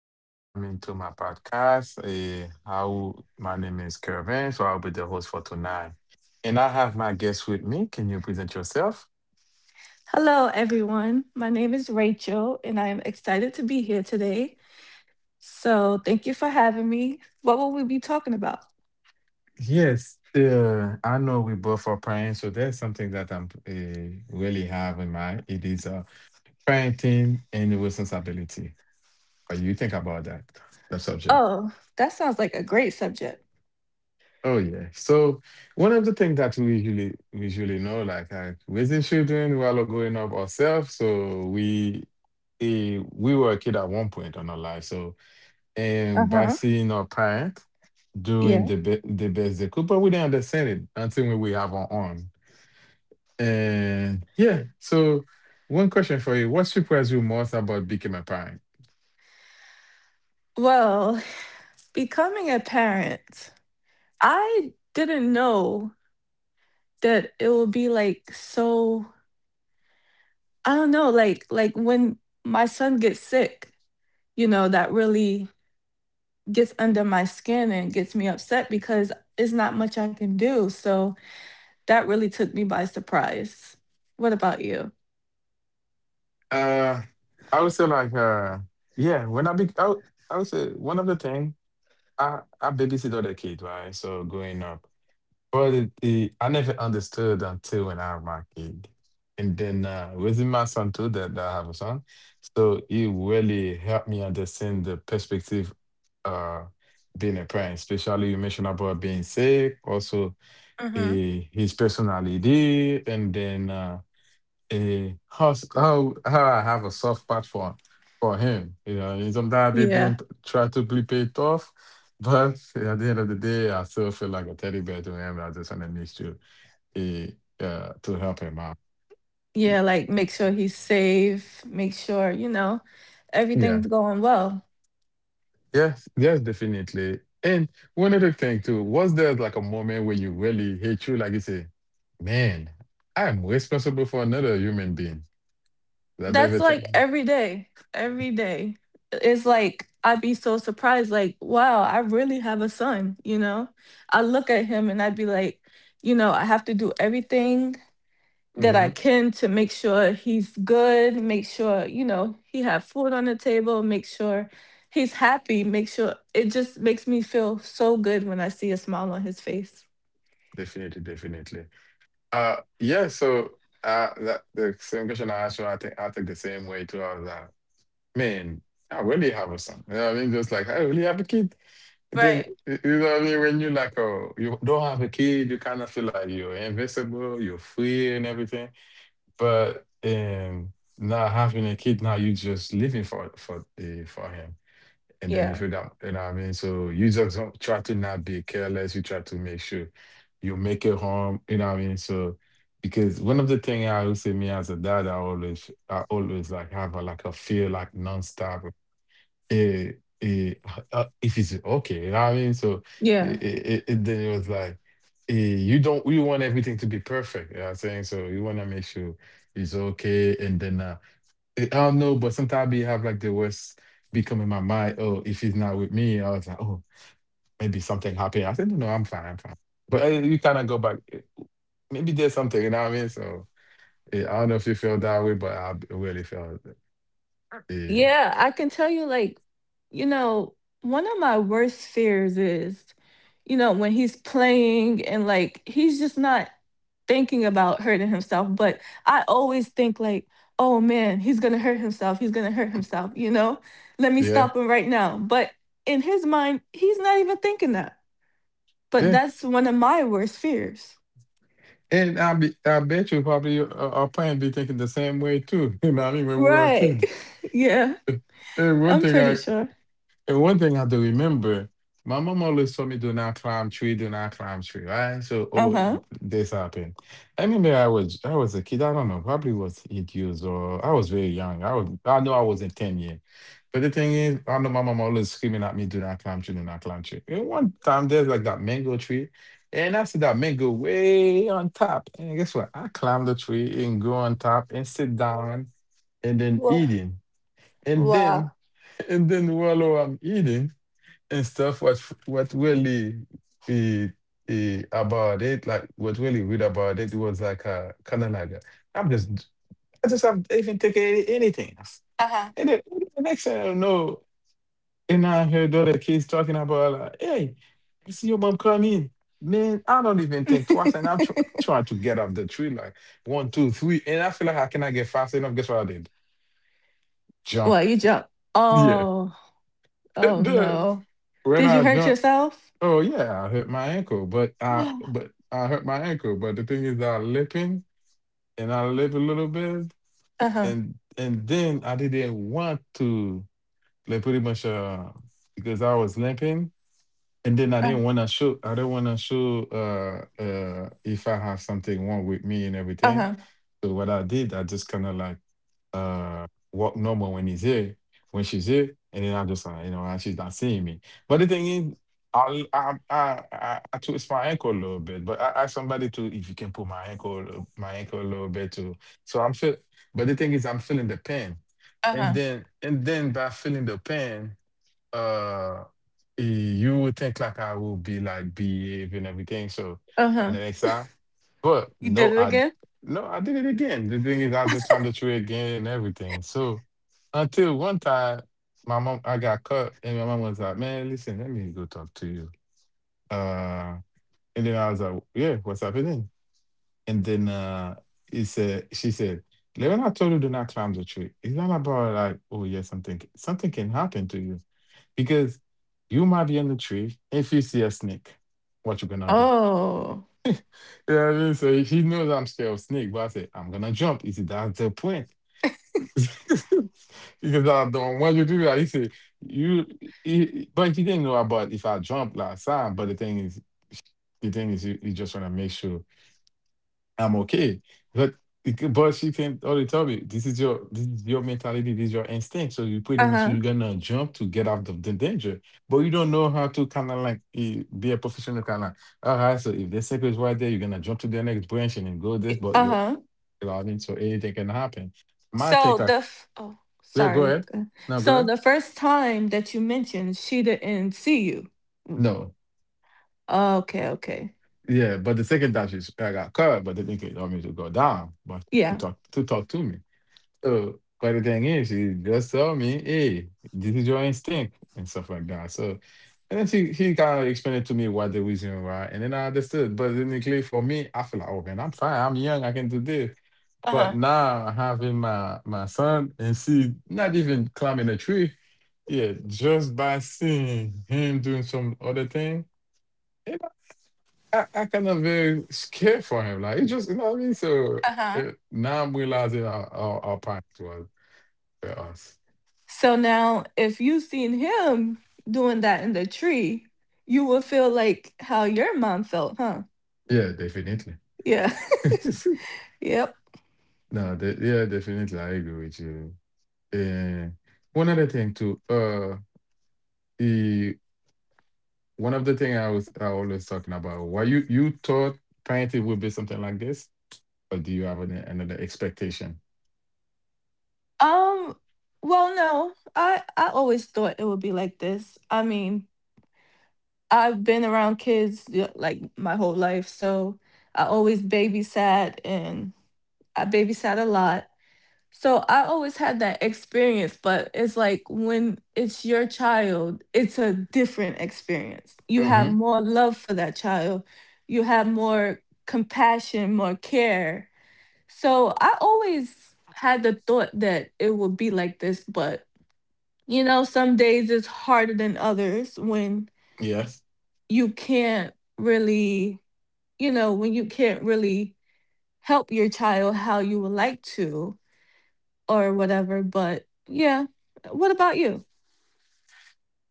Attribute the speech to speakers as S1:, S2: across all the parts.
S1: you for coming to my podcast. Eh, how My name is Kervin, so I'll be the host for tonight. And I have my guest with me. Can you present yourself?
S2: Hello, everyone. My name is Rachel, and I am excited to be here today. So, thank you for having me. What will we be talking about?
S1: Yes, I know we both are parents, so that's something that I'm really have in mind. It is parenting and the responsibility. But you think about that, the subject.
S2: Oh, that sounds like a great subject.
S1: Oh yeah. So one of the things that we usually know, like raising children while growing up ourselves. So we we were a kid at one point on our life. So
S2: Uh
S1: and by
S2: huh.
S1: seeing our parents doing
S2: Yeah.
S1: the best they could, but we didn't understand it until we have our own. And yeah. So one question for you: what surprised you most about becoming a parent?
S2: Well, becoming a parent, I didn't know that it will be like so. I don't know, like when my son gets sick, you know, that really gets under my skin and gets me upset because it's not much I can do. So that really took me by surprise. What about you?
S1: Uh, I would say like yeah. When I be, I would say one of the things. I babysit other kids, right? So growing up, but I never understood until when I have my kid, and then raising my son too. That I have a son, so it really helped me understand the perspective uh being a parent. Especially you mentioned about being sick, also
S2: Mm-hmm.
S1: his personality, and then. Eh, how s- How I have a soft spot for him. You know, and sometimes they
S2: Yeah.
S1: didn't try to be play it off, but at the end of the day, I still feel like a teddy bear to him. I just want to make sure to help him out.
S2: Yeah, like make sure he's safe, make sure, you know,
S1: Yeah.
S2: everything's going well.
S1: Yes. Yes. Definitely. And one other thing too was there like a moment where you really hate you, like you say, man, I'm responsible for another human being. That
S2: That's like
S1: everything.
S2: every day, every day. It's like I'd be so surprised, like, wow, I really have a son, you know? I look at him and I'd be like, you know, I have to do everything that I
S1: Mm-hmm.
S2: can to make sure he's good, make sure, you know, he have food on the table, make sure he's happy, make sure it just makes me feel so good when I see a smile on his face.
S1: Definitely. Definitely. Yeah, so the same question I asked you, I think the same way too. I was like, man, I really have a son. You know what I mean? Just like, I really have a kid. I think,
S2: Right.
S1: you know what I mean? When you like, oh, you don't have a kid, you kind of feel like you're invincible, you're free and everything. But not having a kid now, you just living for him. And then if
S2: Yeah.
S1: you don't, you know what I mean? So you just don't try to not be careless. You try to make sure you make it home, you know what I mean? So because one of the thing I would say me as a dad, I always like have a like a feel like nonstop. Eh, eh, if it's okay, you know what I mean? So
S2: Yeah.
S1: it then it was like you don't you want everything to be perfect. You know what I'm saying? So you wanna make sure it's okay and then I don't know, but sometimes I be have like the worst be coming in my mind. Oh, if he's not with me, I was like, oh, maybe something happened. I said, no, I'm fine, I'm fine. But you kind of go back. Maybe there's something, you know what I mean? So I don't know if you feel that way, but really felt, uh,
S2: Yeah, I can tell you, like, you know, one of my worst fears is, you know, when he's playing and like he's just not thinking about hurting himself. But I always think, like, oh man, he's gonna hurt himself. He's gonna hurt himself, you know? Let me
S1: yeah,
S2: stop him right now. But in his mind, he's not even thinking that. But
S1: yeah.
S2: that's one of my worst fears.
S1: And I bet you probably our parents be thinking the same way too. You know what I mean? When we were a
S2: Right.
S1: kid.
S2: Yeah,
S1: And one
S2: I'm
S1: thing
S2: pretty
S1: I,
S2: sure.
S1: And one thing I have to remember, my mom always told me, do not climb tree, do not climb tree, right? So,
S2: Uh
S1: oh,
S2: huh.
S1: this happened. I remember I was a kid, I don't know, probably was 8 years or I was very young. I know I wasn't 10 yet. But the thing is, I know my mom always screaming at me, do not climb tree, do not climb tree. And one time there's like that mango tree, and I see that mango way on top. And guess what? I climbed the tree and go on top and sit down and then
S2: Well,
S1: eating. And
S2: wow.
S1: then and then while I'm eating and stuff what really eh, eh, about it like what really read about it was like I'm just I just haven't even taken anything
S2: Uh
S1: and then the next thing I know and I heard other kids talking about like, hey, I see your mom come in, man, I don't even
S2: huh.
S1: think twice and I'm trying to get off the tree like 1, 2, 3 and I feel like I cannot get fast enough. Guess what I did? Jump.
S2: What, you jump?
S1: Yeah.
S2: Oh, oh
S1: And
S2: no.
S1: when
S2: Did you
S1: I
S2: hurt
S1: jumped.
S2: yourself?
S1: Oh yeah, I hurt my ankle, but I hurt my ankle. But the thing is, I limping and I limped a little bit,
S2: Uh-huh.
S1: and then I didn't want to like pretty much because I was limping, and then I
S2: Uh,
S1: didn't want to show. If I have something wrong with me and everything.
S2: Uh-huh.
S1: So what I did, I just kind of like uh walk normal when she's here, and then I'm just like, you know, and she's not seeing me. But the thing is, I twist my ankle a little bit, but I ask somebody to if you can pull my ankle a little bit too. So I'm feel, but the thing is, I'm feeling the pain,
S2: Uh-huh.
S1: and then by feeling the pain uh you would think like I will be like behave and everything. So and
S2: Uh-huh.
S1: the next time, but
S2: You did
S1: no,
S2: it
S1: I.
S2: again?
S1: No, I did it again. The thing is, I just climbed the tree again and everything. So until one time, my mom, I got cut, and my mom was like, "Man, listen, let me go talk to you." Uh, and then I was like, "Yeah, what's happening?" And then she said, Leon, I told you do not climb the tree. It's not about like, oh yeah, something something can happen to you. Because you might be in the tree. If you see a snake, what you gonna do?
S2: Oh.
S1: You know what I mean? So she knows I'm scared of snake, but I said, I'm gonna jump. He said, that's the point. Because I don't want you to do that. He said, you but he didn't know about if I jump last time. But the thing is you, you just wanna make sure I'm okay. But but she can already tell me this is your mentality, this is your instinct. So you pretty much
S2: Uh-huh.
S1: you're gonna jump to get out of the danger, but you don't know how to kind of like be a professional kind of. All right, so if the circle is right there, you're gonna jump to the next branch and then go this, but you're
S2: Uh-huh.
S1: allowing so anything can happen. My
S2: So
S1: take like
S2: oh,
S1: yeah, go
S2: sorry.
S1: ahead.
S2: Go.
S1: No, go
S2: So
S1: ahead.
S2: the first time that you mentioned she didn't see you.
S1: No.
S2: Oh, okay, okay.
S1: Yeah, but the second dash is I got covered, but the thing is, I mean to go down, but
S2: Yeah.
S1: to talk to me. So, but the thing is, she just told me, "Hey, this is your instinct," and stuff like that. So, and then she kind of explained to me what the reason why, and then I understood. But technically, for me, I feel like, oh man, I'm fine. I'm young. I can do this. But
S2: Uh-huh.
S1: now having my son and see not even climbing a tree, yeah, just by seeing him doing some other thing, you know, I kind of very scared for him. Like it just, you know what I mean. So
S2: Uh-huh.
S1: now I'm realizing how packed was for us.
S2: So now if you seen him doing that in the tree, you will feel like how your mom felt, huh?
S1: Yeah, definitely.
S2: Yeah. Yep.
S1: No, de- Yeah, definitely. I agree with you. And one other thing too, the one of the thing I always talking about. Why you thought parenting would be something like this, or do you have another expectation?
S2: Um, well, no, I always thought it would be like this. I mean, I've been around kids like my whole life, so I always babysat and I babysat a lot. So I always had that experience, but it's like when it's your child, it's a different experience. You have
S1: Mm-hmm.
S2: more love for that child. You have more compassion, more care. So I always had the thought that it would be like this, but you know, some days it's harder than others when
S1: Yes.
S2: you can't really, you know, when you can't really help your child how you would like to or whatever. But yeah, what about you?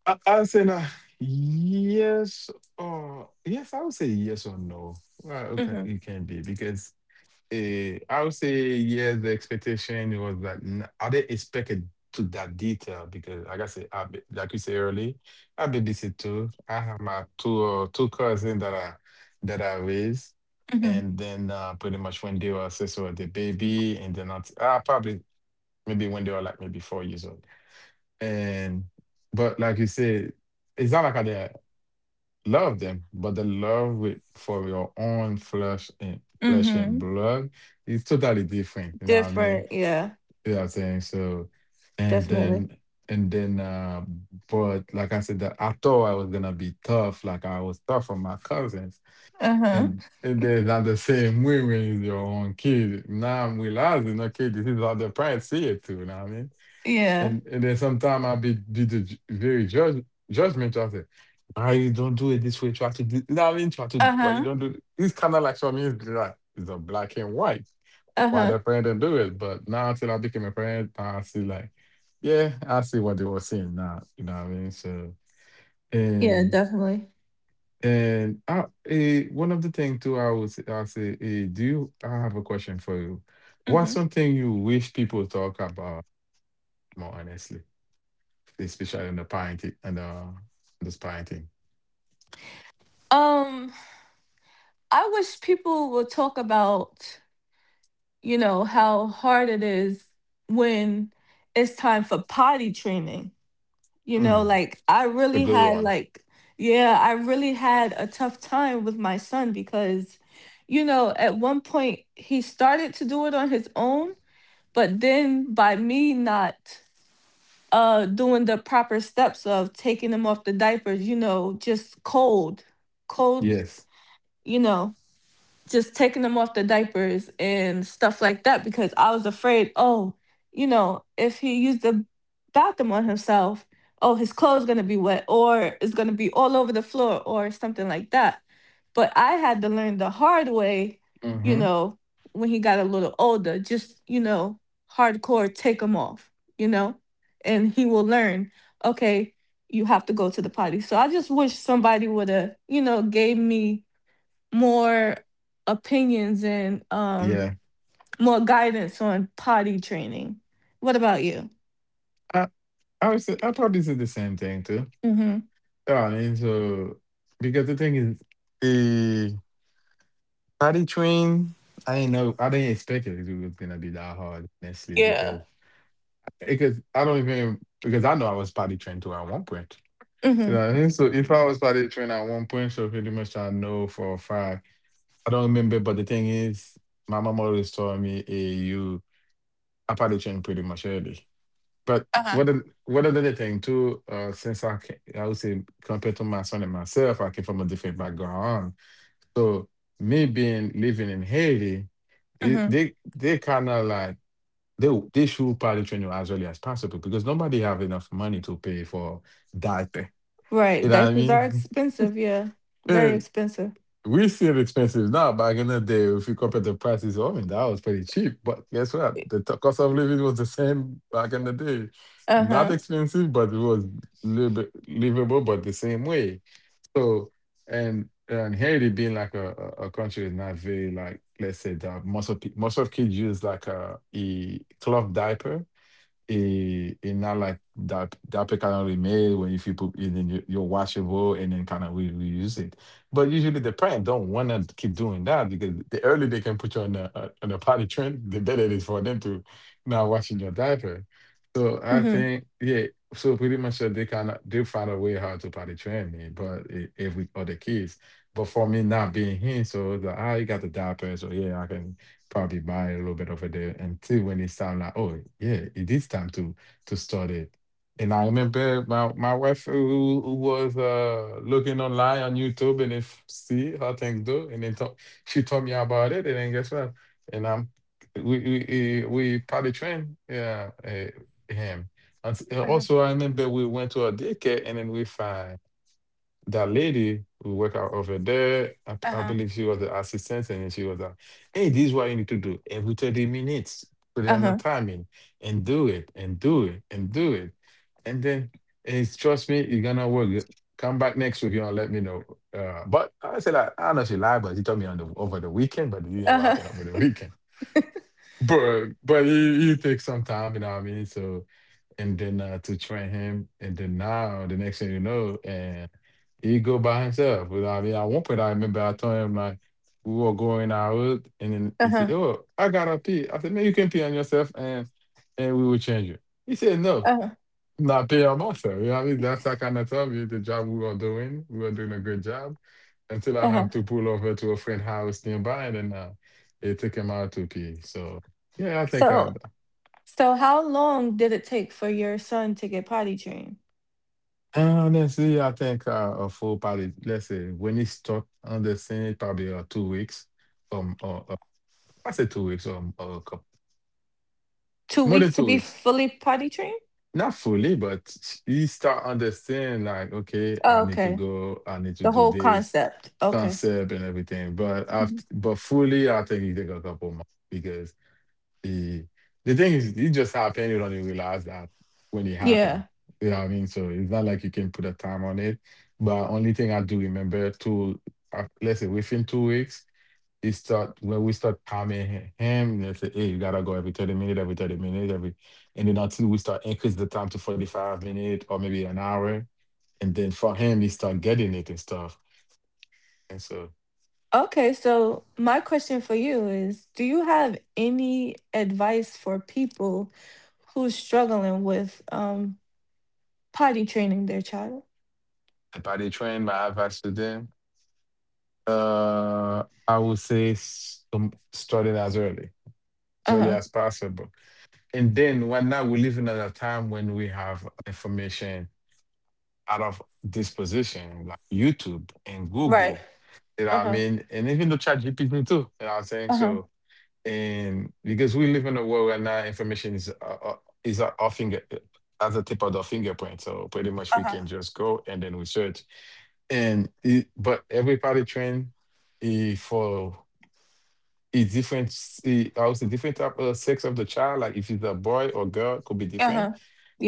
S1: I would say yes yes, I would say yes or no. Well,
S2: Mm
S1: okay,
S2: hmm.
S1: it can be because I would say yes. The expectation was I didn't expect it to that detail because, like I said, like you said earlier, I babysit too. I have my two two cousins that I raised,
S2: Mm
S1: and then pretty much when they were six or the baby, and then I probably maybe when they were like maybe 4 years old. And but like you said, it's not like I didn't love them, but the love with for your own flesh and
S2: hmm. Mm
S1: flesh and
S2: hmm.
S1: blood is totally different. You know what I mean?
S2: Different. Yeah,
S1: You know what I'm saying? So and
S2: definitely.
S1: then and then but like I said that I thought I was gonna be tough, like I was tough on my cousins.
S2: Uh huh.
S1: And then not the same way when it's your own kid. Now I'm realizing, okay, this is how the parents see it too, you know what I mean?
S2: Yeah.
S1: And then sometimes I'll be the ju- very judge judgmental. I say, ah, you don't do it this way. Try to do, you know what I mean? Try to,
S2: Uh
S1: why you
S2: huh.
S1: don't do it. It's kind of like for me, it's like, it's a black and white.
S2: Uh
S1: Why
S2: huh.
S1: the parent didn't do it. But now until I became a parent, now I see like, yeah, I see what they were saying now. You know what I mean? So,
S2: Yeah,
S1: and,
S2: definitely.
S1: and one of the things too, I would say, I'll say, eh, do you, I have a question for you.
S2: Mm
S1: What's
S2: hmm.
S1: something you wish people talk about more honestly? Especially on the parenting and this parenting.
S2: Um, I wish people would talk about, you know, how hard it is when it's time for potty training. You know,
S1: Mm.
S2: like I
S1: The
S2: really
S1: good
S2: had
S1: one.
S2: like yeah, I really had a tough time with my son because, you know, at one point he started to do it on his own, but then by me not doing the proper steps of taking him off the diapers, you know, just cold, cold,
S1: Yes.
S2: you know, just taking them off the diapers and stuff like that because I was afraid, oh, you know, if he used the bathroom on himself, oh, his clothes going to be wet or it's going to be all over the floor or something like that. But I had to learn the hard way, you
S1: Mm-hmm.
S2: know, when he got a little older, just, you know, hardcore take them off, you know, and he will learn, okay, you have to go to the potty. So I just wish somebody would have, you know, gave me more opinions and
S1: Yeah.
S2: more guidance on potty training. What about you?
S1: I I would say I probably say the same thing too.
S2: Mhm.
S1: Yeah, I mean, so because the thing is the party train, I didn't expect it was gonna be that hard, honestly,
S2: Yeah.
S1: because I don't even because I know I was party trained to at one point.
S2: Mhm.
S1: Yeah. I mean? So if I was party trained at one point, so pretty much I know for a fact I don't remember, but the thing is, my mom always told me, hey, you apparition pretty much early. But
S2: Uh-huh.
S1: what an- what another thing too, since I can, I would say compared to my son and myself, I came from a different background. So me being living in Haiti,
S2: Mhm.
S1: they kind of like they should probably train you as early as possible because nobody have enough money to pay for diaper.
S2: Right.
S1: You know what I
S2: Diapers are
S1: mean?
S2: expensive, yeah. Very expensive.
S1: We see it expensive now. Back in the day, if you compare the prices, I mean, that was pretty cheap. But guess what? The cost of living was the same back in the day.
S2: Uh-huh.
S1: Not expensive, but it was little bit livable, but the same way. So, and Haiti being like a country, is not very like, let's say that most of kids use like a cloth diaper. It not like that pick kind of remade when if you put it in your washable and then kind of we reuse it. But usually the parent don't want to keep doing that because the earlier they can put you on a potty train, the better it is for them to not washing your diaper. So I
S2: Mhm.
S1: think, yeah. So pretty much they kind of they find a way how to potty train me, but if we other kids. But for me not being here, so it's like, ah, you got the diaper, so yeah, I can probably buy a little bit of it there until when it sound like, oh yeah, it is time to start it. And I remember my wife who was looking online on YouTube and if see how things do, and then talk, she told me about it, and then guess what? And I'm we probably trained him. And
S2: Uh-huh.
S1: also I remember we went to a daycare and then we find that lady who worked out over there. I
S2: Uh-huh.
S1: believe she was the assistant, and then she was like, "Hey, this is what you need to do every 30 minutes. Put it on the
S2: Uh-huh.
S1: timing and do it and do it and do it, and then, it's trust me, it's gonna work. Come back next week, you know, let me know." But I said, like, I know she lied, but she told me on the over the weekend, but it didn't
S2: Uh-huh.
S1: happen over the weekend. But it takes some time, you know what I mean? So and then to train him, and then now, the next thing you know, and he go by himself. But I mean, at one point I remember I told him like we were going out, and then he said,
S2: Uh-huh.
S1: "Oh, I gotta pee." I said, "Man, you can pee on yourself, and we will change you." He said, "No,
S2: Uh-huh.
S1: I'm not pee on myself." You know what I mean? That's how kind of told you the job we were doing. We were doing a good job until I
S2: Uh-huh.
S1: have to pull over to a friend house nearby, and then they took him out to pee. So yeah, I think
S2: So so how long did it take for your son to get potty trained?
S1: Honestly, I think a full, probably let's say when it's stuck on the scene, probably 2 weeks, or I say 2 weeks, or a couple,
S2: 2
S1: more
S2: weeks
S1: than
S2: to
S1: two
S2: be
S1: weeks,
S2: fully potty trained?
S1: not fully, but you start understand like, okay,
S2: Oh,
S1: I need to
S2: okay.
S1: go, I need to
S2: The
S1: do
S2: whole
S1: this
S2: concept. Okay.
S1: concept and everything. But
S2: Mhm.
S1: after, but fully, I think you take a couple months because the the thing is it just happened, you don't even realize that when it happened.
S2: Yeah.
S1: You know what I mean? So it's not like you can put a time on it, but only thing I do remember to, let's say within 2 weeks, it start when we start timing him. They say, hey, you gotta go every 30 minutes, every 30 minutes, every, and then until we start increase the time to 45 minutes or maybe an hour, and then for him, he start getting it and stuff. And so,
S2: Okay, so my question for you is, do you have any advice for people who's struggling with potty training their child?
S1: about the train, my advice to them, uh I would say, started as early
S2: Uh-huh.
S1: as possible. And then right now we live in a time when we have information out of disposition, like YouTube and
S2: Right.
S1: Google. You know what I
S2: Uh-huh.
S1: mean? And even the chat GPT too. You know what I'm saying?
S2: Uh-huh.
S1: So and because we live in a world where now information is at our finger, at the tip of the fingerprint. So pretty much we
S2: Uh-huh.
S1: can just go and then we search. And it, but everybody train, for it's different. It, I would say different type of sex of the child. Like if it's a boy or girl, could be different.
S2: Uh-huh.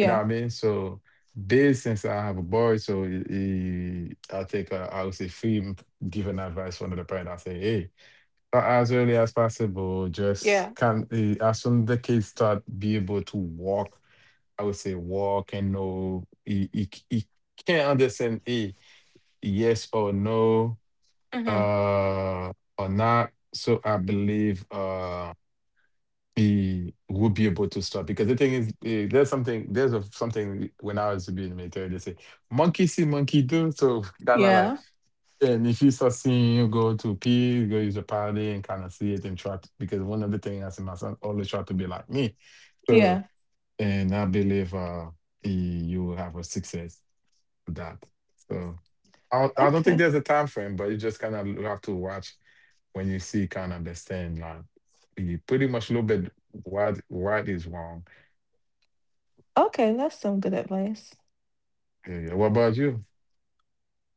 S1: You know what I mean? So, based, since I have a boy, so I take I would say free giving advice from the parent. I say, hey, as early as possible,
S2: Yeah.
S1: just can as soon as the kids start be able to walk, I would say walk and know he can't understand a yes or no
S2: Mm-hmm.
S1: uh or not. So I believe. He would be able to stop because the thing is there's something there's a, something, when I was to be in the military they say monkey see monkey do, so kind of like,
S2: Yeah.
S1: and if you start seeing you go to peace go use a party and kind of see it and try to, because one of the things I see my son always try to be like me. So
S2: Yeah.
S1: and I believe you will have a success with that. So I don't think
S2: Okay.
S1: there's a time frame, but you just kind of have to watch when you see kind of this thing like, you pretty much a little bit, what is wrong.
S2: Okay, that's some good advice.
S1: Yeah, yeah. What about you?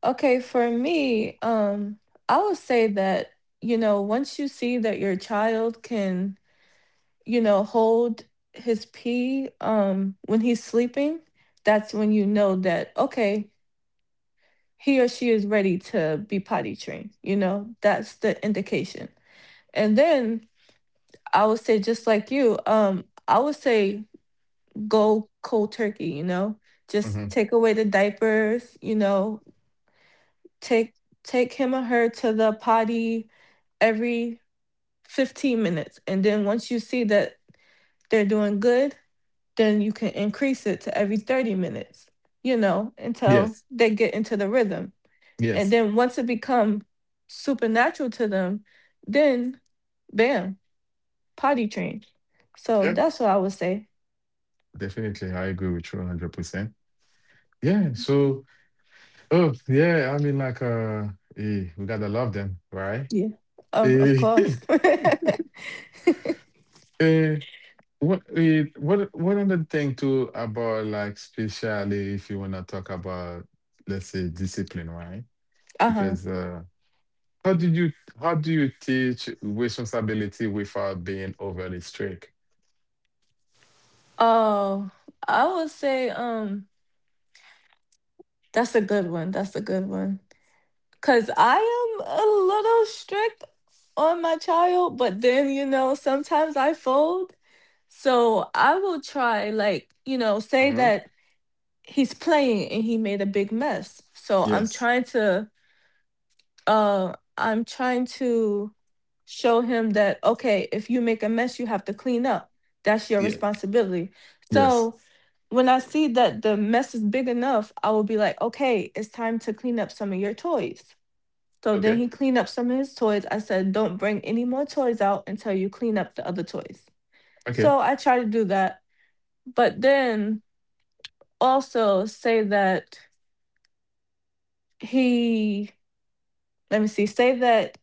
S2: Okay, for me, I would say that, you know, once you see that your child can, you know, hold his pee when he's sleeping, that's when you know that okay, he or she is ready to be potty trained. You know, that's the indication. And then I would say just like you, I would say go cold turkey, you know.
S1: Hmm.
S2: Just take away the diapers, you know, take take him or her to the potty every 15 minutes, and then once you see that they're doing good, then you can increase it to every 30 minutes, you know, until
S1: Yes,
S2: they get into the rhythm, and
S1: yes,
S2: then once it become supernatural to them, then bam, potty train. So
S1: yeah,
S2: that's what I would say.
S1: definitely. I agree with you 100% Yeah. So, oh yeah, I mean like, we gotta love them, right?
S2: Yeah, of
S1: Eh,
S2: course.
S1: eh, what one other thing too, about like, especially if you wanna talk about, let's say, discipline, right?
S2: Uh-huh.
S1: Because How did you how do you teach responsibility without being overly strict?
S2: Oh, I would say, that's a good one, that's a good one. Cause I am a little strict on my child, but then, you know, sometimes I fold. So I will try, like, you know, say
S1: Hmm.
S2: that he's playing and he made a big mess. So I'm
S1: Yes.
S2: trying to show him that okay, if you make a mess, you have to clean up. That's your
S1: Yeah.
S2: responsibility.
S1: Yes.
S2: So when I see that the mess is big enough, I will be like, okay, it's time to clean up some of your toys, so then
S1: Okay.
S2: he cleaned up some of his toys. I said, don't bring any more toys out until you clean up the other toys.
S1: Okay.
S2: So I tried to do that. But then also say that he, let me see, say that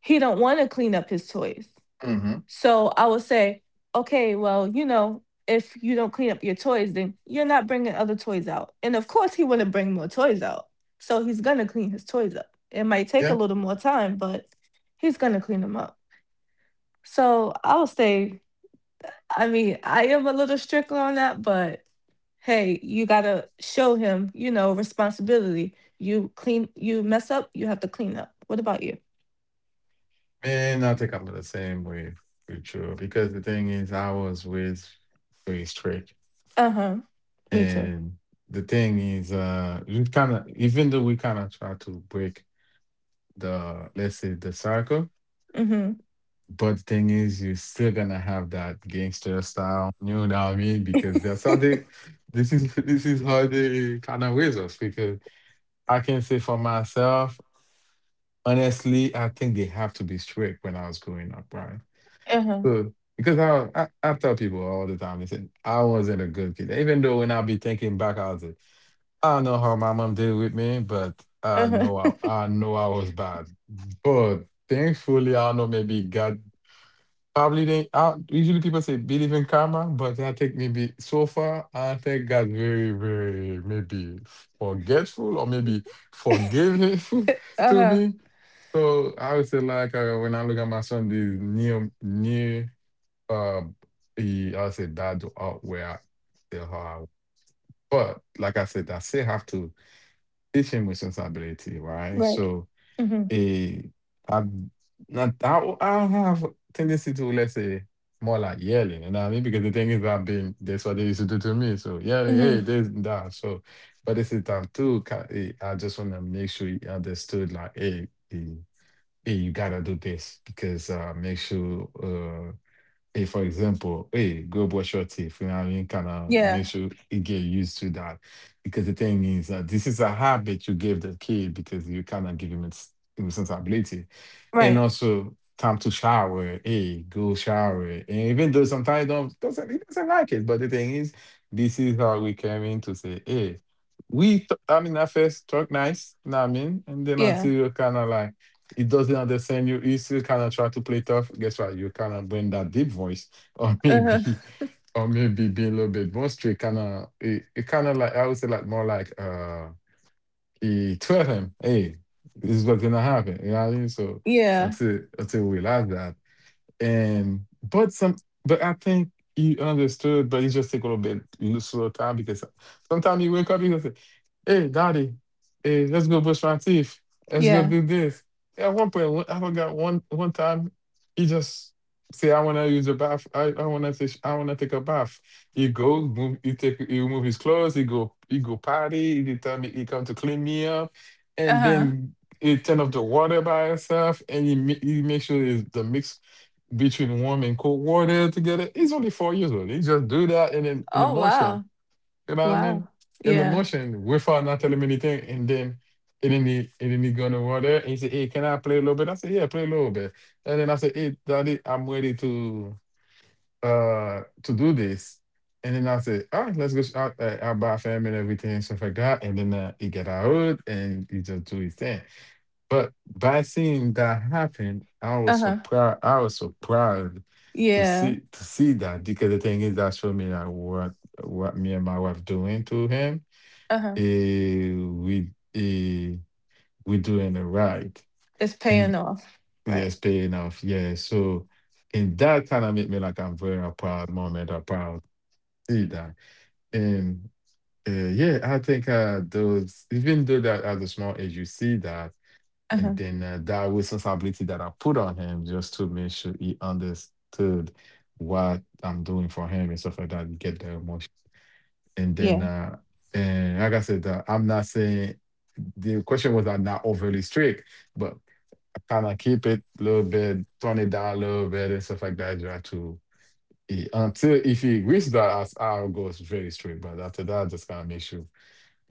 S2: he don't want to clean up his toys.
S1: Mm-hmm.
S2: So I would say, okay, well, you know, if you don't clean up your toys, then you're not bringing other toys out. And of course, he wouldn't bring more toys out. So he's going to clean his toys up. It might take a
S1: Yeah.
S2: little more time, but he's going to clean them up. So I'll say, I mean, I am a little strict on that, but hey, you gotta show him, you know, responsibility. You clean, you mess up, you have to clean up. What about you?
S1: And I think I'm the same way with you, because the thing is I was with, very strict.
S2: Uh huh. Me too.
S1: And the thing is we kinda, even though we kinda try to break the, let's say, the cycle.
S2: Mm hmm.
S1: But the thing is, you're still gonna have that gangster style, you know what I mean? Because that's how they, this is this is how they kind of raise us. Because I can say for myself, honestly, I think they have to be strict when I was growing up, right?
S2: Uh huh.
S1: So because I tell people all the time. They say I wasn't a good kid, even though when I be thinking back, I was like, I don't know how my mom did with me, but I
S2: Uh
S1: know
S2: huh.
S1: I, I know I was bad, but thankfully, I don't know, maybe God. Probably they, usually people say believe in karma, but I think maybe so far I think God very, very maybe forgetful or maybe forgiving
S2: Uh
S1: to
S2: huh.
S1: me. So I would say like when I look at my son, this near uh he I would say dad out where I still are. But like I said, I still have to teach him responsibility, right?
S2: Right.
S1: So
S2: Mm hmm.
S1: Eh, I am not I I have a tendency to, let's say, more like yelling, you know what I mean? Because the thing is I've been that's what they used to do to me. So yelling,
S2: Mm
S1: hey,
S2: hmm.
S1: this and that. So but this is time too. I just wanna make sure you understood like, hey, hey, hey, you gotta do this because make sure hey, for example, hey, go brush your teeth. You know what I mean? Kind of make
S2: Yeah.
S1: sure you get used to that. Because the thing is that this is a habit you gave the kid because you kind of give him its responsibility, and
S2: Right.
S1: also time to shower. Hey, go shower. And even though sometimes don't doesn't he doesn't like it, but the thing is, this is how we came in to say, hey, we. I mean, at first talk nice, you know what I mean, and then until
S2: Yeah.
S1: you kind of like it doesn't understand you, you still kind of try to play tough. Guess what? You kind of bring that deep voice, or
S2: Uh
S1: maybe.
S2: huh.
S1: Or maybe be a little bit more straight, kind of it kind of like I would say like more like he told him, hey, this is what's gonna happen. You know what I mean? So
S2: Yeah.
S1: until we realize that. And but some, but I think you understood, but it just take a little bit slow time because sometimes you wake up, you gonna say, "Hey, daddy, hey, let's go brush my teeth. Let's go
S2: Yeah.
S1: do this." At one point, I forgot one time, he just say, "I wanna use the bath. I wanna take, I wanna take a bath." He goes, move, he take, he remove his clothes. He go potty. He tell me he come to clean me up,
S2: Uh
S1: and
S2: huh.
S1: then. He turn off the water by itself, and he, he make sure it's the mix between warm and cold water together. He's only 4 years old. He just do that in in the
S2: Oh
S1: motion.
S2: wow.
S1: You know what I mean?
S2: Wow.
S1: In the
S2: Yeah.
S1: motion, without not telling me anything, and then and then he go to water and he said, hey, can I play a little bit? I said, yeah, play a little bit. And then I said, hey, daddy, I'm ready to do this. And then I said, all right, let's go sh- out out buy fam and everything and stuff like that. And then he get out and he just do his thing. But by seeing that happen, I
S2: Uh
S1: was
S2: huh.
S1: surprised. I was surprised to
S2: Yeah.
S1: see that, because the thing is that showed me like what me and my wife doing to him,
S2: Uh huh.
S1: eh, we eh, we doing it right,
S2: It's paying
S1: and
S2: off. Right.
S1: yes, paying off, yeah. So and that kind of made me like I'm very a proud moment or proud, see that, and yeah, I think those, even though that at a small age you see that,
S2: Uh huh.
S1: and then that responsibility that I put on him just to make sure he understood what I'm doing for him and stuff like that. You get the emotion, and
S2: Yeah.
S1: then and like I said, I'm not saying the question was I'm not overly strict, but I kind of keep it a little bit, tone it down a little bit, and stuff like that. Try to until if he reaches that, as I'll very straight. But after that, just kind of make sure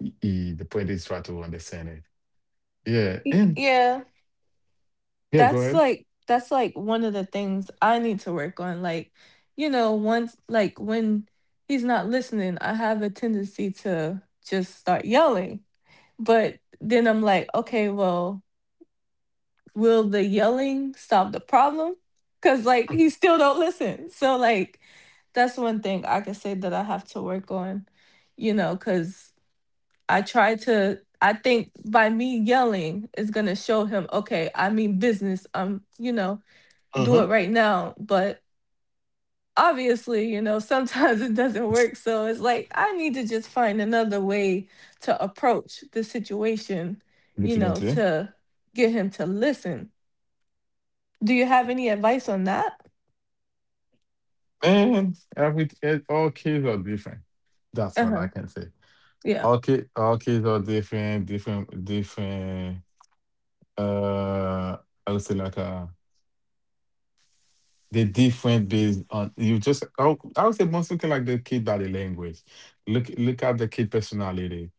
S1: the point is try to understand it. Yeah,
S2: Y-
S1: and
S2: Yeah,
S1: yeah, go
S2: that's
S1: ahead.
S2: like that's like one of the things I need to work on. Like, you know, once like when he's not listening, I have a tendency to just start yelling. But then I'm like, okay, well, will the yelling solve the problem? Cause like he still don't listen. So like that's one thing I could say that I have to work on, you know, cause I try to I think by me yelling is going to show him, okay, I mean business. You know,
S1: Uh
S2: do
S1: huh.
S2: it right now, but obviously, you know, sometimes it doesn't work, so it's like I need to just find another way to approach the situation, you know,
S1: Definitely.
S2: to get him to listen. Do you have any advice on that?
S1: Man, all kids are different. That's all I
S2: Uh-huh.
S1: can say.
S2: Yeah.
S1: All kids are different, different, different. Uh, I would say like a, they're different based on you just I would say most looking like the kid body language. Look at the kid personality.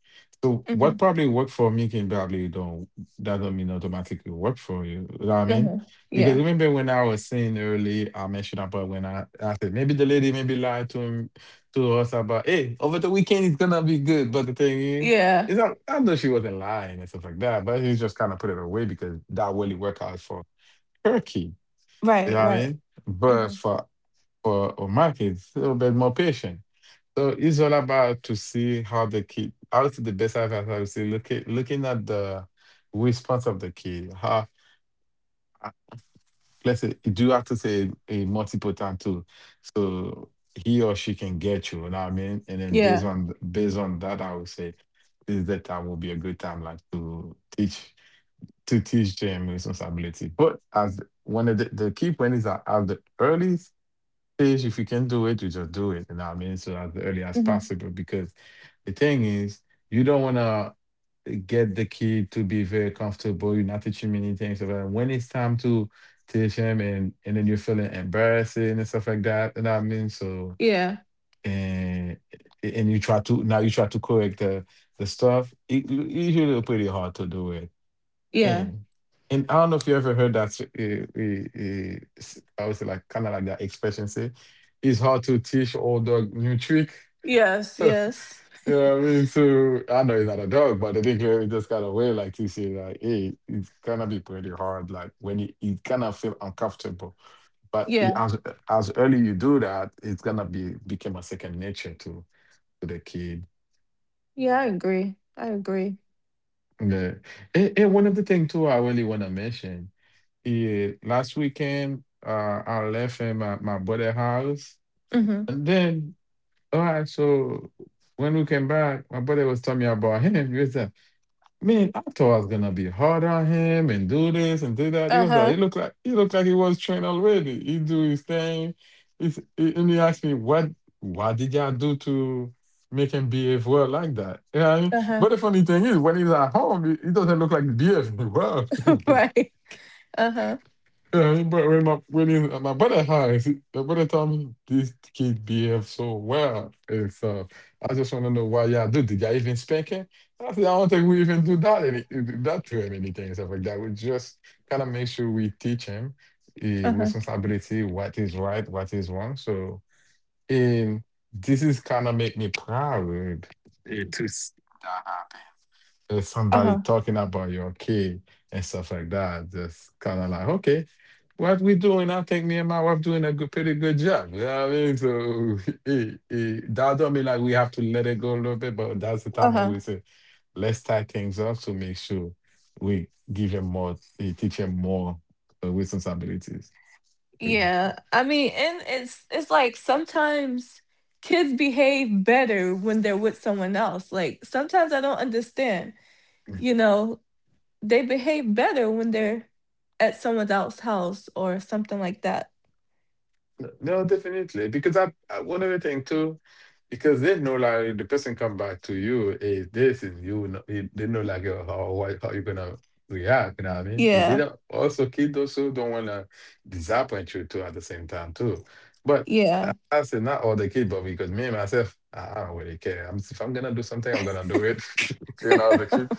S1: So what
S2: Mhm.
S1: probably worked for me can probably don't, that don't mean automatically work for you. You know what I mean?
S2: Mhm.
S1: Because
S2: Yeah.
S1: remember when I was saying early, I mentioned about when I said maybe the lady maybe lied to him, to us about, hey, over the weekend it's gonna be good, but the thing is
S2: Yeah.
S1: it's not, I know she wasn't lying and stuff like that, but he just kind of put it away because that really worked out for her kid. You
S2: Right,
S1: know what I
S2: right.
S1: mean? But
S2: Mhm.
S1: for my kids, a little bit more patient. So it's all about to see how the kid how to. The best advice I would say, see look at, looking at the response of the kid. How uh, let's say you do have to say a multipotent too. So he or she can get you, you know what I mean? And then
S2: Yeah.
S1: based on that, I would say this is the time will be a good time like to teach them responsibility. But as one of the key point is that at the earliest stage, if you can do it, you just do it. You know what I mean? So as early as
S2: Mhm.
S1: possible, because the thing is, you don't want to get the kid to be very comfortable. You're not teaching many things about when it's time to teach him, and then you're feeling embarrassing and stuff like that. You know what I mean? So
S2: Yeah.
S1: and you try to, now you try to correct the stuff. It, usually pretty hard to do it.
S2: Yeah.
S1: And and I don't know if you ever heard that. S I would say like kind of like that expression say, it's hard to teach old dog new trick.
S2: Yes, yes.
S1: You know what I mean? So I know he's not a dog, but I think just kind of way like to say like, hey, it's gonna be pretty hard. Like when you it kind of feel uncomfortable, but it,
S2: Yeah.
S1: as early you do that, it's gonna be become a second nature to the kid.
S2: Yeah, I agree. I agree.
S1: Yeah. And one of the things too, I really wanna mention. Yeah, last weekend, I left in my brother's house.
S2: Mm-hmm.
S1: And then, all right, so when we came back, my brother was telling me about him. He was like, man, I thought I was gonna be hard on him and do this and do that. He was like,
S2: Uh-huh.
S1: he looked like he was trained already. He do his thing. And he asked me, what did y'all do to make him behave well like that? You know what I mean?
S2: Uh-huh.
S1: But the funny thing is, when he's at home, he doesn't look like he behaving well to me.
S2: Right. Uh-huh.
S1: Yeah, he brought him up really, and my brother told me this kid behave so well. And so I just wanna know why y'all do did y'all even spank him? I said, I don't think we even do that to him anything and stuff like that. We just kinda make sure we teach him,
S2: Uh-huh.
S1: responsibility, what is right, what is wrong. So and this is kinda make me proud, to see that there's somebody
S2: Uh-huh.
S1: talking about your kid and stuff like that. Just kind of like, okay, what we doing? I think me and my wife doing a good, pretty good job. You know what I mean? So that don't mean like we have to let it go a little bit, but that's the time when
S2: Uh-huh.
S1: we say, let's tie things up to make sure we give him more, teach him more responsibilities.
S2: Yeah. I mean, and it's like sometimes kids behave better when they're with someone else. Like sometimes I don't understand. You know, they behave better when they're at someone else's house or something like that.
S1: No, definitely. Because that one other thing too, because they know like the person come back to you is this, and you know they know like, how how you're gonna react. You know what I mean? It did
S2: Yeah.
S1: also kids also don't wanna disappoint you too at the same time too. But
S2: Yeah.
S1: I said not all the kids, but because me myself, I don't really care. I'm if I'm gonna do something, I'm gonna do it. You know, as a kid,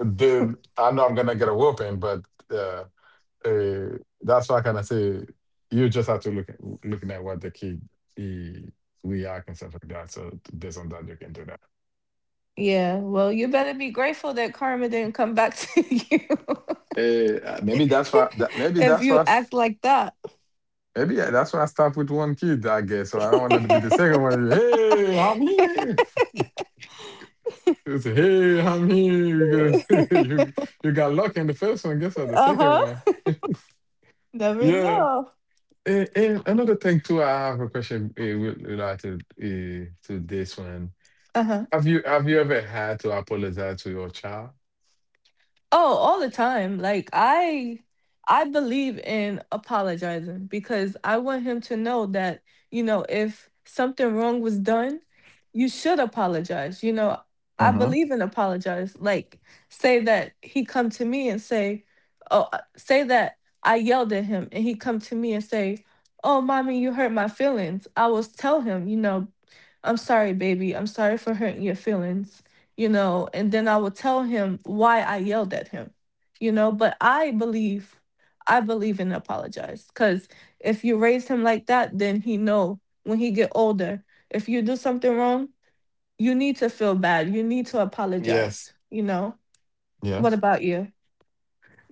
S1: then I know I'm gonna get a whooping, but. uh, that's why I kind of say you just have to look at, looking at what the kid he react and stuff like that. So based on that, look into that.
S2: Yeah. Well, you better be grateful that karma didn't come back to you.
S1: Maybe that's why. Maybe
S2: If
S1: that's
S2: you
S1: why.
S2: act like that.
S1: Maybe yeah, that's why I start with one kid. I guess so. I don't want to be the second one. Hey, I'm here. You hey, I'm here because you you got lucky in the first one. Guess what? The
S2: Uh
S1: second one.
S2: huh. Never
S1: Yeah.
S2: know.
S1: And another thing too, I have a question related to this one.
S2: Uh huh.
S1: Have you ever had to apologize to your child?
S2: Oh, all the time. Like I believe in apologizing because I want him to know that, you know, if something wrong was done, you should apologize. You know, I
S1: Mm-hmm.
S2: believe in apologize. Like say that he come to me and say, "Oh, say that I yelled at him and he come to me and say, "Oh, mommy, you hurt my feelings." I will tell him, you know, "I'm sorry, baby. I'm sorry for hurting your feelings," you know, and then I would tell him why I yelled at him, you know. But I believe in apologize because if you raise him like that, then he know when he get older, if you do something wrong, you need to feel bad. You need to
S1: Yes.
S2: apologize, you know.
S1: Yeah.
S2: What about you?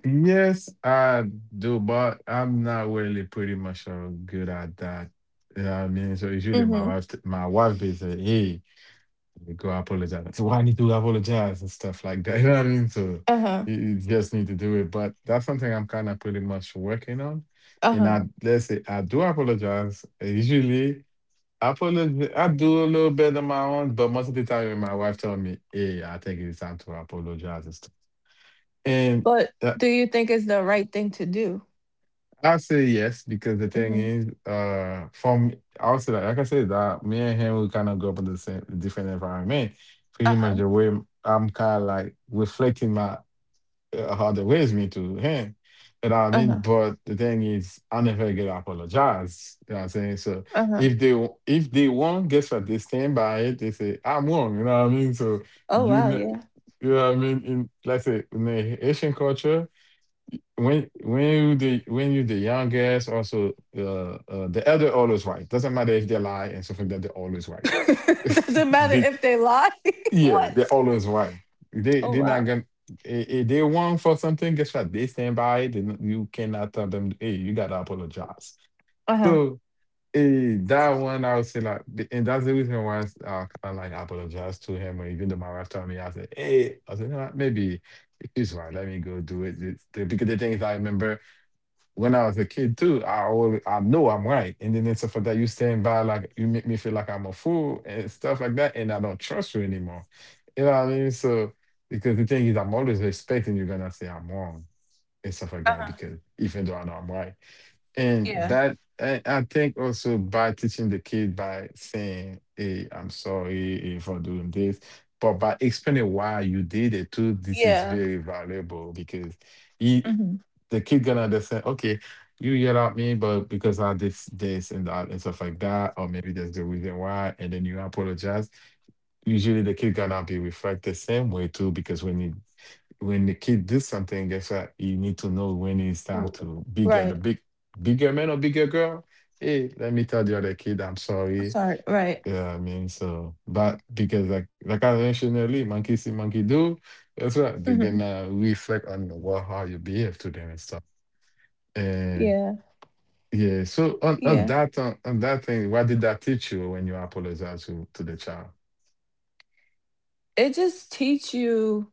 S1: Yes, I do, but I'm not really pretty much good at that. You know what I mean? So usually my
S2: Mm-hmm.
S1: wife my wife be say, hey, you go apologize. So I need to apologize and stuff like that? You know what I mean? So
S2: Uh huh.
S1: you just need to do it. But that's something I'm kind of pretty much working on.
S2: Uh
S1: And
S2: huh.
S1: I let's say I do apologize. Usually I put a, I do a little bit on my own, but most of the time when my wife tell me, "Hey, I think it's time to apologize," and stuff. And
S2: But
S1: uh,
S2: do you think it's the right thing to do?
S1: I say yes because the thing
S2: Mm-hmm.
S1: is, from also like, I said, that me and him we kind of grew up in the same different environment.
S2: Uh
S1: Pretty
S2: huh.
S1: much the way I'm kind of like reflecting my how they ways me to him. You know what I
S2: Uh
S1: mean?
S2: huh.
S1: But the thing is, I never get apologized. You know what I'm saying? So
S2: Uh huh.
S1: if they won, guess what? They stand by it. They say, I'm wrong. You know what I mean? So
S2: Oh
S1: you
S2: wow,
S1: know,
S2: yeah.
S1: you know what I mean? In let's say in the Haitian culture, when you the youngest, also the elder always right. Doesn't matter if they lie and stuff like that, they're always right.
S2: Doesn't matter if they lie.
S1: Yeah,
S2: What?
S1: they always right. They
S2: Oh
S1: they're not
S2: wow.
S1: gonna if they want for something, guess what? They stand by it. Then you cannot tell them, hey, you gotta apologize.
S2: Uh-huh.
S1: So that one I would say and that's the reason why I kind of like apologize to him or even though my wife told me I said, hey, I said, you know what maybe she's right, let me go do it. Because the thing is I remember when I was a kid too, I know I'm right, and then it's for that you stand by like you make me feel like I'm a fool and stuff like that, and I don't trust you anymore. You know what I mean? So because the thing is, I'm always expecting you're gonna say I'm wrong and stuff like that
S2: Uh-huh.
S1: because even though I know I'm right,
S2: Yeah.
S1: and I think also by teaching the kid by saying, "Hey, I'm sorry for doing this." But by explaining why you did it too, this is
S2: Yeah.
S1: very valuable because He,
S2: Hmm.
S1: the kid gonna understand, okay, you yell at me, but because I did this and that and stuff like that, or maybe there's the reason why, and then you apologize. Usually the kid gonna be reflect the same way too, because when the kid does something, guess what? You need to know when it's time to bigger the
S2: Right.
S1: big bigger man or bigger girl. Hey, let me tell the other kid I'm sorry.
S2: Sorry. Right.
S1: Yeah, I mean, so but because like I mentioned earlier, monkey see, monkey do. That's right. They're
S2: Hmm.
S1: gonna reflect on what how you behave to them and stuff.
S2: Yeah.
S1: Yeah. So
S2: Yeah.
S1: on that thing, what did that teach you when you apologize to the child?
S2: It just teach you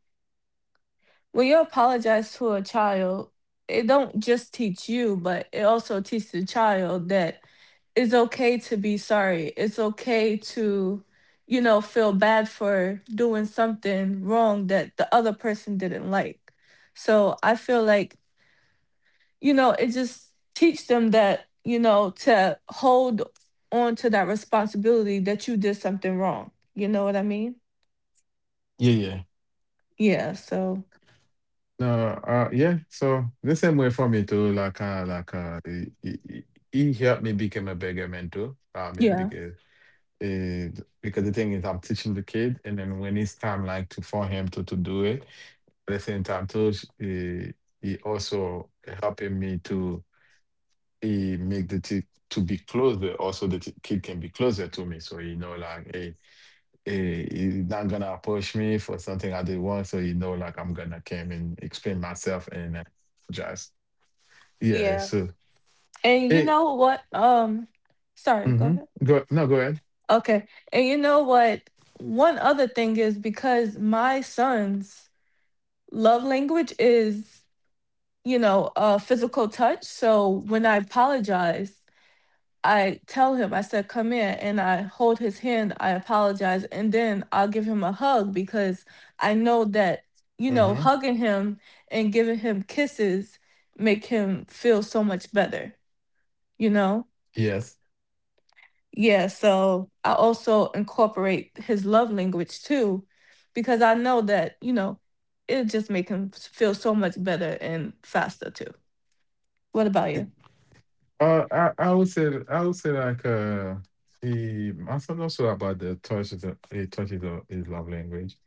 S2: when you apologize to a child. It don't just teach you, but it also teaches the child that it's okay to be sorry. It's okay to, feel bad for doing something wrong that the other person didn't like. So I feel like it just teach them that, to hold on to that responsibility that you did something wrong. You know what I mean?
S1: Yeah, yeah.
S2: Yeah, so
S1: No, yeah. So the same way for me too, like, he helped me become a bigger mentor. I mean,
S2: yeah.
S1: because because the thing is, I'm teaching the kid, and then when it's time, like, to for him to do it, at the same time too, he also helping me to he make the t to be closer. Also, the t kid can be closer to me. So you know, like, hey. He's not gonna push me for something I did wrong. So you know, like I'm gonna come and explain myself and just yeah.
S2: Yeah.
S1: So
S2: And you
S1: it
S2: know what? Sorry, go
S1: mm-hmm.
S2: ahead.
S1: Go no go ahead.
S2: Okay. And you know what? One other thing is because my son's love language is, physical touch. So when I apologize, I tell him, I said, come here, and I hold his hand. I apologize. And then I'll give him a hug because I know that,
S1: Mm-hmm.
S2: hugging him and giving him kisses make him feel so much better, you know?
S1: Yes.
S2: Yeah. So I also incorporate his love language too, because I know that, it just make him feel so much better and faster too. What about you?
S1: I would say like the I thought also about the touch is a, is love language.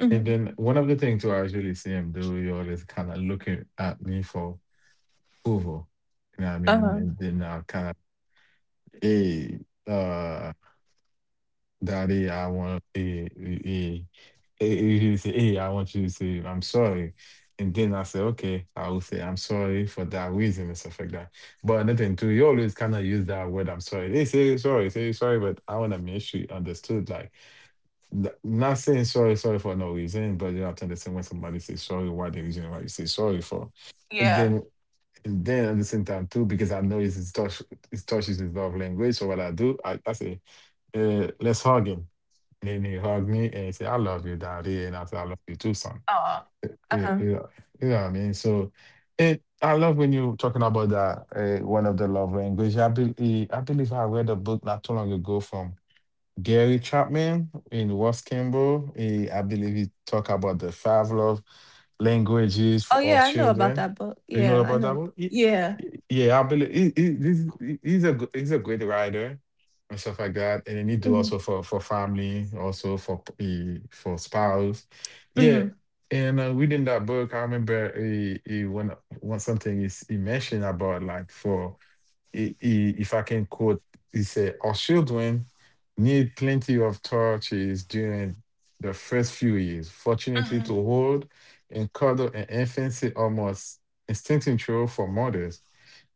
S2: Hmm.
S1: And then one of the things too I usually see him do, he always kind of looking at me for approval. You know what I
S2: Uh huh.
S1: mean? And then I kind of, hey, uh, Daddy, I want a, he a, say, hey, I want you to say, I'm sorry. And then I say, okay, I will say, I'm sorry for that reason and stuff like that. But another thing too, you always kind of use that word, I'm sorry. They say sorry, but I want to make sure you understood. Like, not saying sorry, sorry for no reason, but you have to understand when somebody says sorry, why the reason why you say sorry for. And
S2: Yeah.
S1: then, and then at the same time too, because I know it's touch, it touches his love language. So what I do, I say, let's hug him and then he hugged me and he said, I love you, daddy. And I said, I love you too, son.
S2: Uh
S1: Eh, eh,
S2: huh.
S1: You know, you know what I mean? So it, I love when you're talking about that, one of the love language. I believe I read a book not too long ago from Gary Chapman in West Campbell. I believe he talk about the five love languages
S2: Oh, yeah,
S1: of
S2: I know about
S1: children.
S2: that book.
S1: Do you know
S2: Yeah, I
S1: about
S2: know.
S1: that one?
S2: Yeah.
S1: Yeah, I believe he's a he's a great writer and stuff like that. And then he do
S2: Mhm,
S1: also for family, also for spouse. Yeah,
S2: mhm,
S1: and reading that book, I remember he when something is he mentioned about like for if I can quote, he said, Our children need plenty of torches during the first few years. Fortunately,
S2: mhm,
S1: to hold and cuddle an infancy almost instinctual for mothers.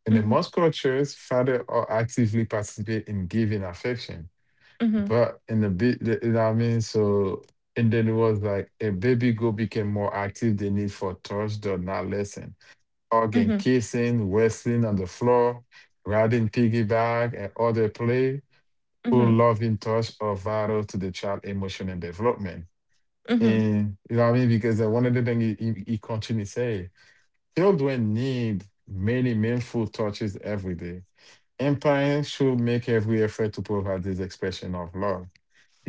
S1: In the
S2: mhm,
S1: most cultures, fathers are actively participate in giving affection.
S2: mhm,
S1: But in the bit, you know what I mean? So, and then it was like a baby girl became more active, they need for touch, does not lessen." Hug and
S2: mhm,
S1: kissing, wrestling on the floor, riding piggyback, and other play. Full
S2: mhm,
S1: loving touch are vital to the child emotion and development.
S2: mhm,
S1: And you know what I mean? Because one of the things he continues to say, children need many meaningful touches every day. And parents should make every effort to provide this expression of love.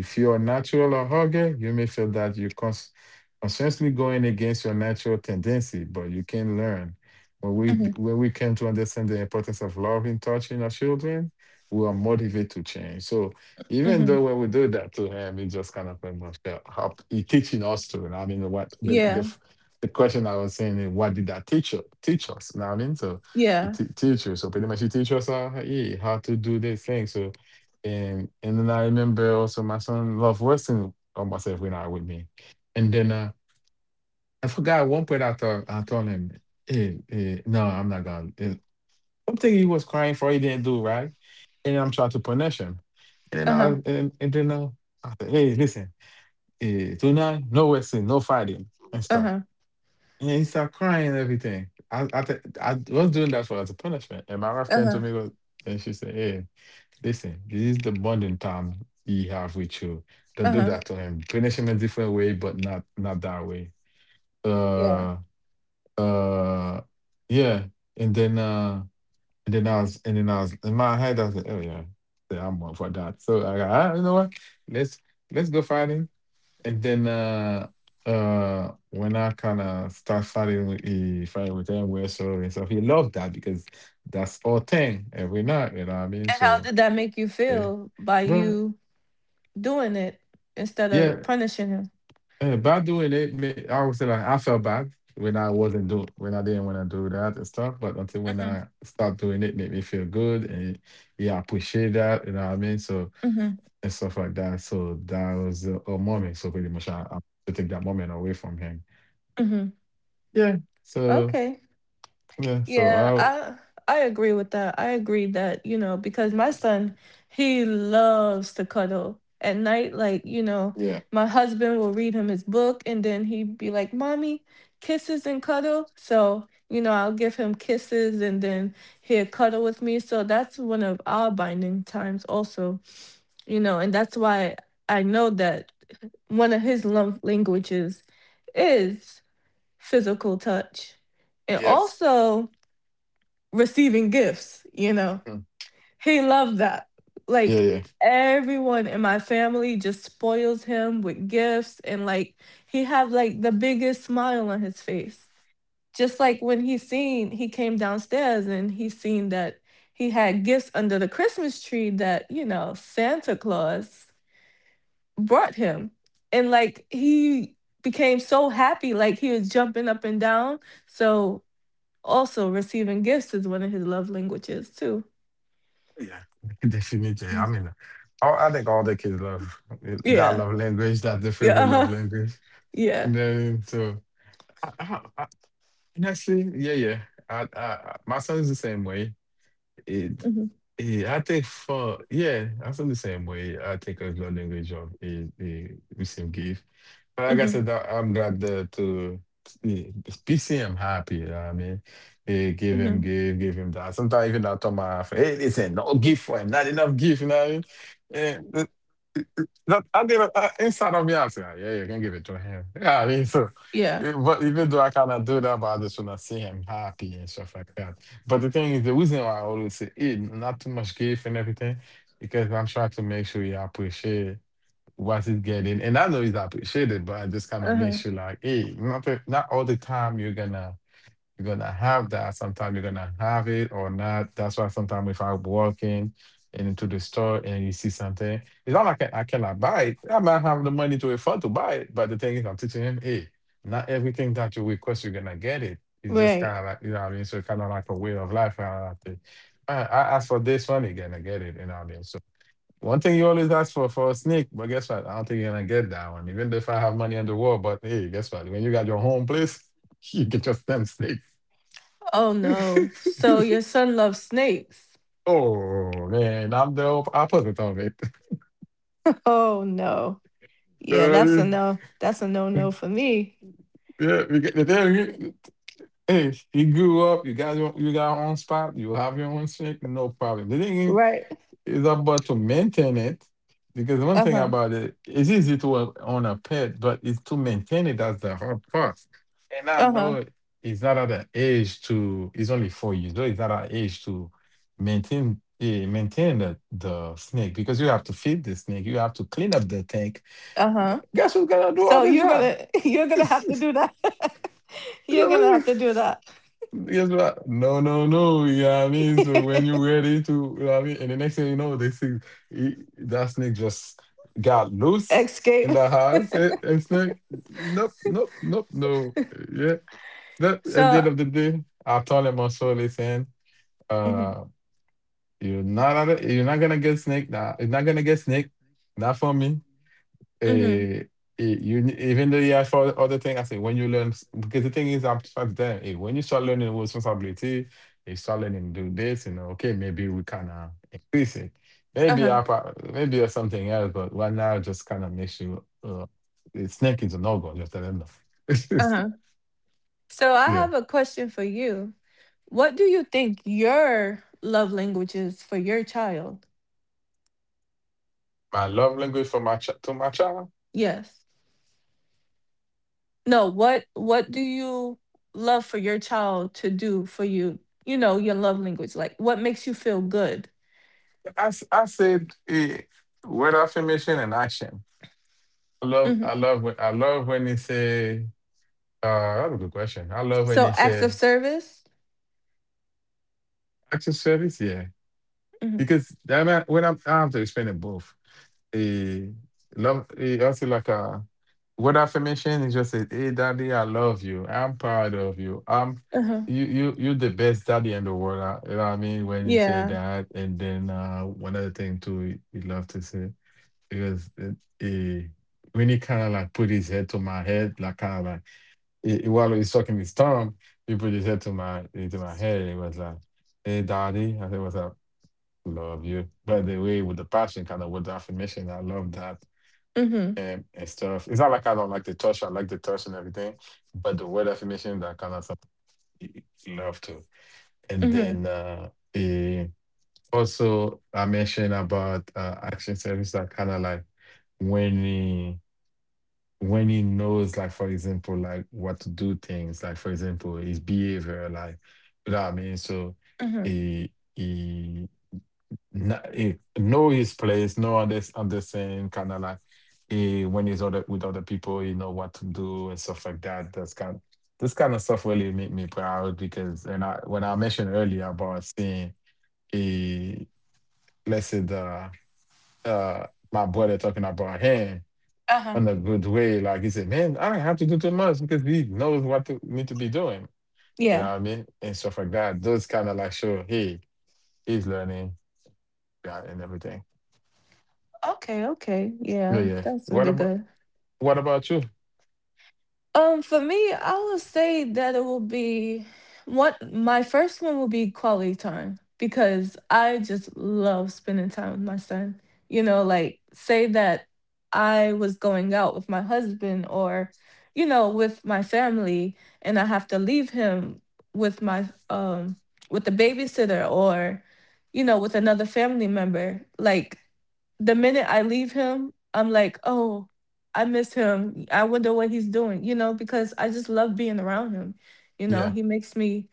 S1: If you are natural or hugger, you may feel that you consciously going against your natural tendency, but you can learn.
S2: mhm,
S1: When we came to understand the importance of love in touching our children, we are motivated to change. So even
S2: mhm.
S1: though when we do that to him, it just kind of pretty much help he teaching us to. I mean, what
S2: Yeah,
S1: the question I was saying is, what did that teach us? Teach us. You know what I mean? So
S2: yeah.
S1: it teach you. So pretty much she teach us how, yeah, how to do this thing. So and then I remember also my son loved Western by myself when I with me. And then I forgot one point I told him, hey, hey, no, I'm not gonna something he was crying for he didn't do right. And I'm trying to punish him.
S2: Uh-huh,
S1: And then I said, hey, listen, tonight, no Western, no fighting and stuff.
S2: uh-huh,
S1: And he started crying and everything. I was doing that for as a punishment. And my wife came
S2: uh-huh,
S1: to me go- and she said, Hey, listen, this is the bonding time he have with you. Don't do
S2: uh-huh.
S1: that to him. Punish him a different way, but not that way.
S2: Yeah.
S1: Uh uh yeah. And then uh and then I was in my head I said, Oh yeah, yeah, I'm one for that. So I got, ah, you know what? Let's let's go find him and then when I kinda start fighting with he fighting with him wrestle and stuff, he loved that because that's our thing every night, you know what I mean?
S2: And how did that make you
S1: Eh,
S2: feel by
S1: but
S2: you doing it instead
S1: yeah,
S2: of punishing him?
S1: by doing it, I would say like I felt bad when I wasn't do when I didn't want to do that and stuff, but until when
S2: Mhm,
S1: I start doing it, made me feel good and yeah, I appreciate that, you know what I mean? So
S2: mhm,
S1: and stuff like that. So that was a moment. So pretty much I have to take that moment away from him.
S2: mhm.
S1: Yeah. So
S2: Okay.
S1: yeah. So
S2: Yeah,
S1: I.
S2: I agree with that. I agree that, you know, because my son, he loves to cuddle. At night, like, you know,
S1: Yeah.
S2: my husband will read him his book and then he'd be like, "Mommy, kisses and cuddle." So, you know, I'll give him kisses and then he'll cuddle with me. So that's one of our binding times also, you know, and that's why I know that one of his love languages is physical touch. And
S1: Yes.
S2: also, receiving gifts, you know.
S1: Mm.
S2: He loved that.
S1: Yeah.
S2: Like
S1: Yeah.
S2: everyone in my family just spoils him with gifts and like he have like the biggest smile on his face. Just like when he seen he came downstairs and he seen that he had gifts under the Christmas tree that, you know, Santa Claus brought him. And like he became so happy like he was jumping up and down. So also receiving gifts is one of his love languages too.
S1: Yeah. Definitely. I
S2: Mhm.
S1: mean, I think all the kids love that
S2: Yeah.
S1: love language. That's their
S2: Yeah.
S1: favorite love
S2: Uh-huh.
S1: language.
S2: Yeah.
S1: And then I, I, I, honestly, yeah, yeah. My son is the same way. It.
S2: Hmm.
S1: Yeah, I think I feel the same way. I think of love language of the receive gift. But like I
S2: Hmm.
S1: said, I'm glad that to PCM happy. You know what I mean, give him,
S2: Hmm.
S1: give him that. Sometimes even I tell my friend, hey, listen, no gift for him, not enough gift. You know what I mean? Eh, th- that I did inside of me, I say, "Ah, yeah, you can give it to him. Yeah, I mean, so.
S2: Yeah.
S1: But even though I cannot do that, but I just wanna see him happy and stuff like that. But the thing is, the reason why I always say, "Hey, not too much gift and everything," because I'm trying to make sure you appreciate what's it getting? And I know it's appreciated, but I just kind of
S2: Uh-huh.
S1: makes you like, hey, not all the time you're gonna have that. Sometimes you're gonna have it or not. That's why sometimes if I'm walking and into the store and you see something, it's not like I cannot buy it. I might have the money to afford to buy it, but the thing is, I'm teaching him, hey, not everything that you request, you're gonna get it. It's just
S2: Right.
S1: kind of like you know what I mean. So kind of like a way of life. And I think I asked for this one, you're gonna get it. You know what I mean. So, one thing you always ask for a snake, but guess what? I don't think you're gonna get that one. Even if I have money on the wall, but hey, guess what? When you got your home place, you get your stem snake.
S2: Oh no. So your son loves snakes.
S1: Oh man, I'm the opposite of it.
S2: Oh no. Yeah, that's a no. That's a no
S1: Uh,
S2: no for me.
S1: yeah, we get the thing. Hey, you grew up. You got your own spot. You have your own snake. No problem. The thing is,
S2: Right.
S1: it's about to maintain it because one thing
S2: Uh-huh.
S1: about it, it's easy to own a pet, but it's to maintain it that's the hard part. And I
S2: Uh-huh.
S1: know it's not at the age to. It's only 4 years though. It's not at an age to maintain the snake because you have to feed the snake. You have to clean up the tank.
S2: Uh-huh.
S1: Guess who's gonna do all
S2: So
S1: the
S2: you're
S1: job?
S2: gonna you're gonna have to do that. You're gonna have to do that.
S1: Guess what? No, no, no. You know what I mean? So when you're ready to, you know what I mean? And the next thing you know, they see that snake just got loose in
S2: Escape.
S1: the house. And snake, nope, nope, nope, no. Yeah. That, at the
S2: So
S1: end of the day, I told him also, listen,
S2: hmm,
S1: uh, you're not, you're not gonna get snake now. You're not gonna get snake. Not for me
S2: hmm.
S1: eh, even though you ask for other thing, I say when you learn because the thing is I'm trying to tell them, hey, when you start learning responsibility, you start learning to do this, you know, okay, maybe we kind of increase it.
S2: Uh-huh.
S1: Maybe or something else, but right now just kind of makes you it's snake is a no go. Just tell them no.
S2: Uh-huh. So I
S1: Yeah,
S2: have a question for you. What do you think your love language is for your child?
S1: my love language to my child.
S2: Yes. No, what do you love for your child to do for you? You know, your love language. Like what makes you feel good?
S1: I said word affirmation and action.
S2: Hmm.
S1: I love when they say. That's a good question. I love when
S2: So
S1: they
S2: acts of
S1: say
S2: service?
S1: access service, yeah,
S2: Hmm.
S1: because I mean, I have to explain it both. Eh, love, also like a word affirmation is just a, hey, daddy, I love you. I'm proud of you.
S2: Uh-huh.
S1: You're the best daddy in the world. You know what I mean? When you say
S2: Yeah.
S1: that, and then one other thing too, you love to say because it, eh, when he kind of like put his head to my head, like kind of like. While he's sucking his thumb, people just said to my into my head, it was like, "Hey, daddy," I said, "What's up? Love you." But the way with the passion, kind of with the affirmation, I love that
S2: Mm-hmm.
S1: and stuff. It's not like I don't like the touch; I like the touch and everything. But the word affirmation, that kind of stuff, y- love too. And
S2: Mm-hmm.
S1: then eh, also, I mentioned about action service. That kind of like when. When he knows, like for example, like what to do things, like for example, his behavior, like you know what I mean. So
S2: Mm-hmm.
S1: he, not, he know his place, understand, kind of like he, when he's other with other people, he know what to do and stuff like that. That's kind this kind of stuff really make me proud because and I when I mentioned earlier about seeing a let's say the my brother talking about him
S2: Uh-huh.
S1: in a good way. Like he said, man, I don't have to do too much because he knows what to need to be doing. You
S2: Yeah.
S1: know what I mean? And stuff like that. Those kind of like show, hey, he's learning yeah, and everything.
S2: Okay, okay.
S1: Yeah,
S2: Yeah.
S1: yeah.
S2: That's
S1: What
S2: really
S1: about
S2: good.
S1: you?
S2: For me, I will say that it will be one. My first one will be quality time because I just love spending time with my son. You know, like say that I was going out with my husband or, you know, with my family, and I have to leave him with my with the babysitter or, you know, with another family member. Like the minute I leave him, I'm like, oh. I miss him. I wonder what he's doing, you know, because I just love being around him. You know,
S1: Yeah,
S2: he makes me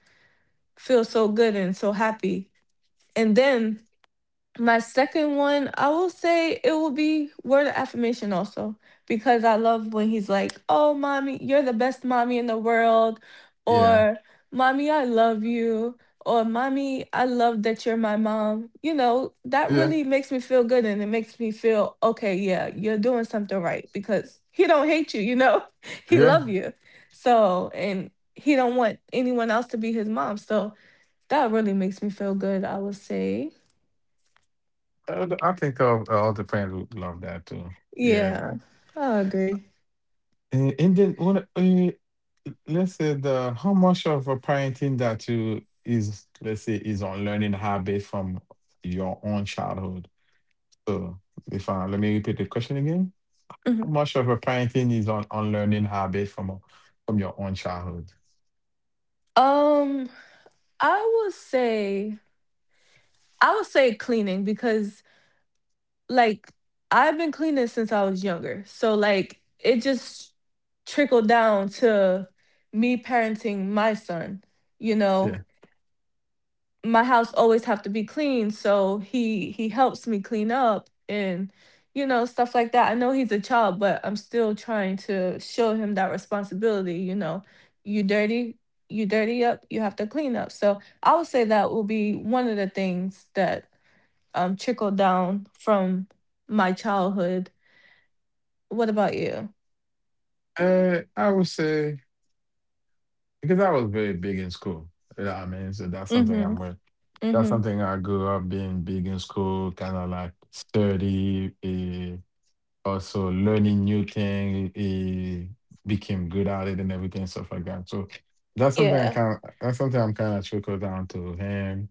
S2: feel so good and so happy. And then my second one, I will say it will be word of affirmation also, because I love when he's like, oh, mommy, you're the best mommy in the world,
S1: yeah,
S2: or mommy, I love you, or mommy, I love that you're my mom. You know, that
S1: yeah,
S2: really makes me feel good and it makes me feel, okay, yeah, you're doing something right because he don't hate you, you know, he love
S1: yeah.
S2: you. So, and he don't want anyone else to be his mom. So that really makes me feel good, I would say.
S1: I think all the friends would love that too. Yeah.
S2: Yeah, I agree.
S1: And then what? Let's say the how much of a parenting that you is let's say is on learning habit from your own childhood. So if I, let me repeat the question again. How
S2: Mhm.
S1: much of your parenting is on unlearning habits from your own childhood?
S2: Um, I would say I would say cleaning because like I've been cleaning since I was younger. So like it just trickled down to me parenting my son, you know?
S1: Yeah.
S2: My house always have to be clean, so he helps me clean up and you know stuff like that. I know he's a child, but I'm still trying to show him that responsibility, you know, you dirty, you dirty up, you have to clean up. So I would say that will be one of the things that trickled down from my childhood. What about you?
S1: I would say because I was very big in school. You know what I mean? So that's something
S2: Mm-hmm.
S1: I'm with. That's
S2: Mm-hmm.
S1: something I grew up being big in school, kind of like sturdy. Also learning new thing, he became good at it and everything, stuff like that. So
S2: Yeah.
S1: that's something I'm kind of trickle down to him.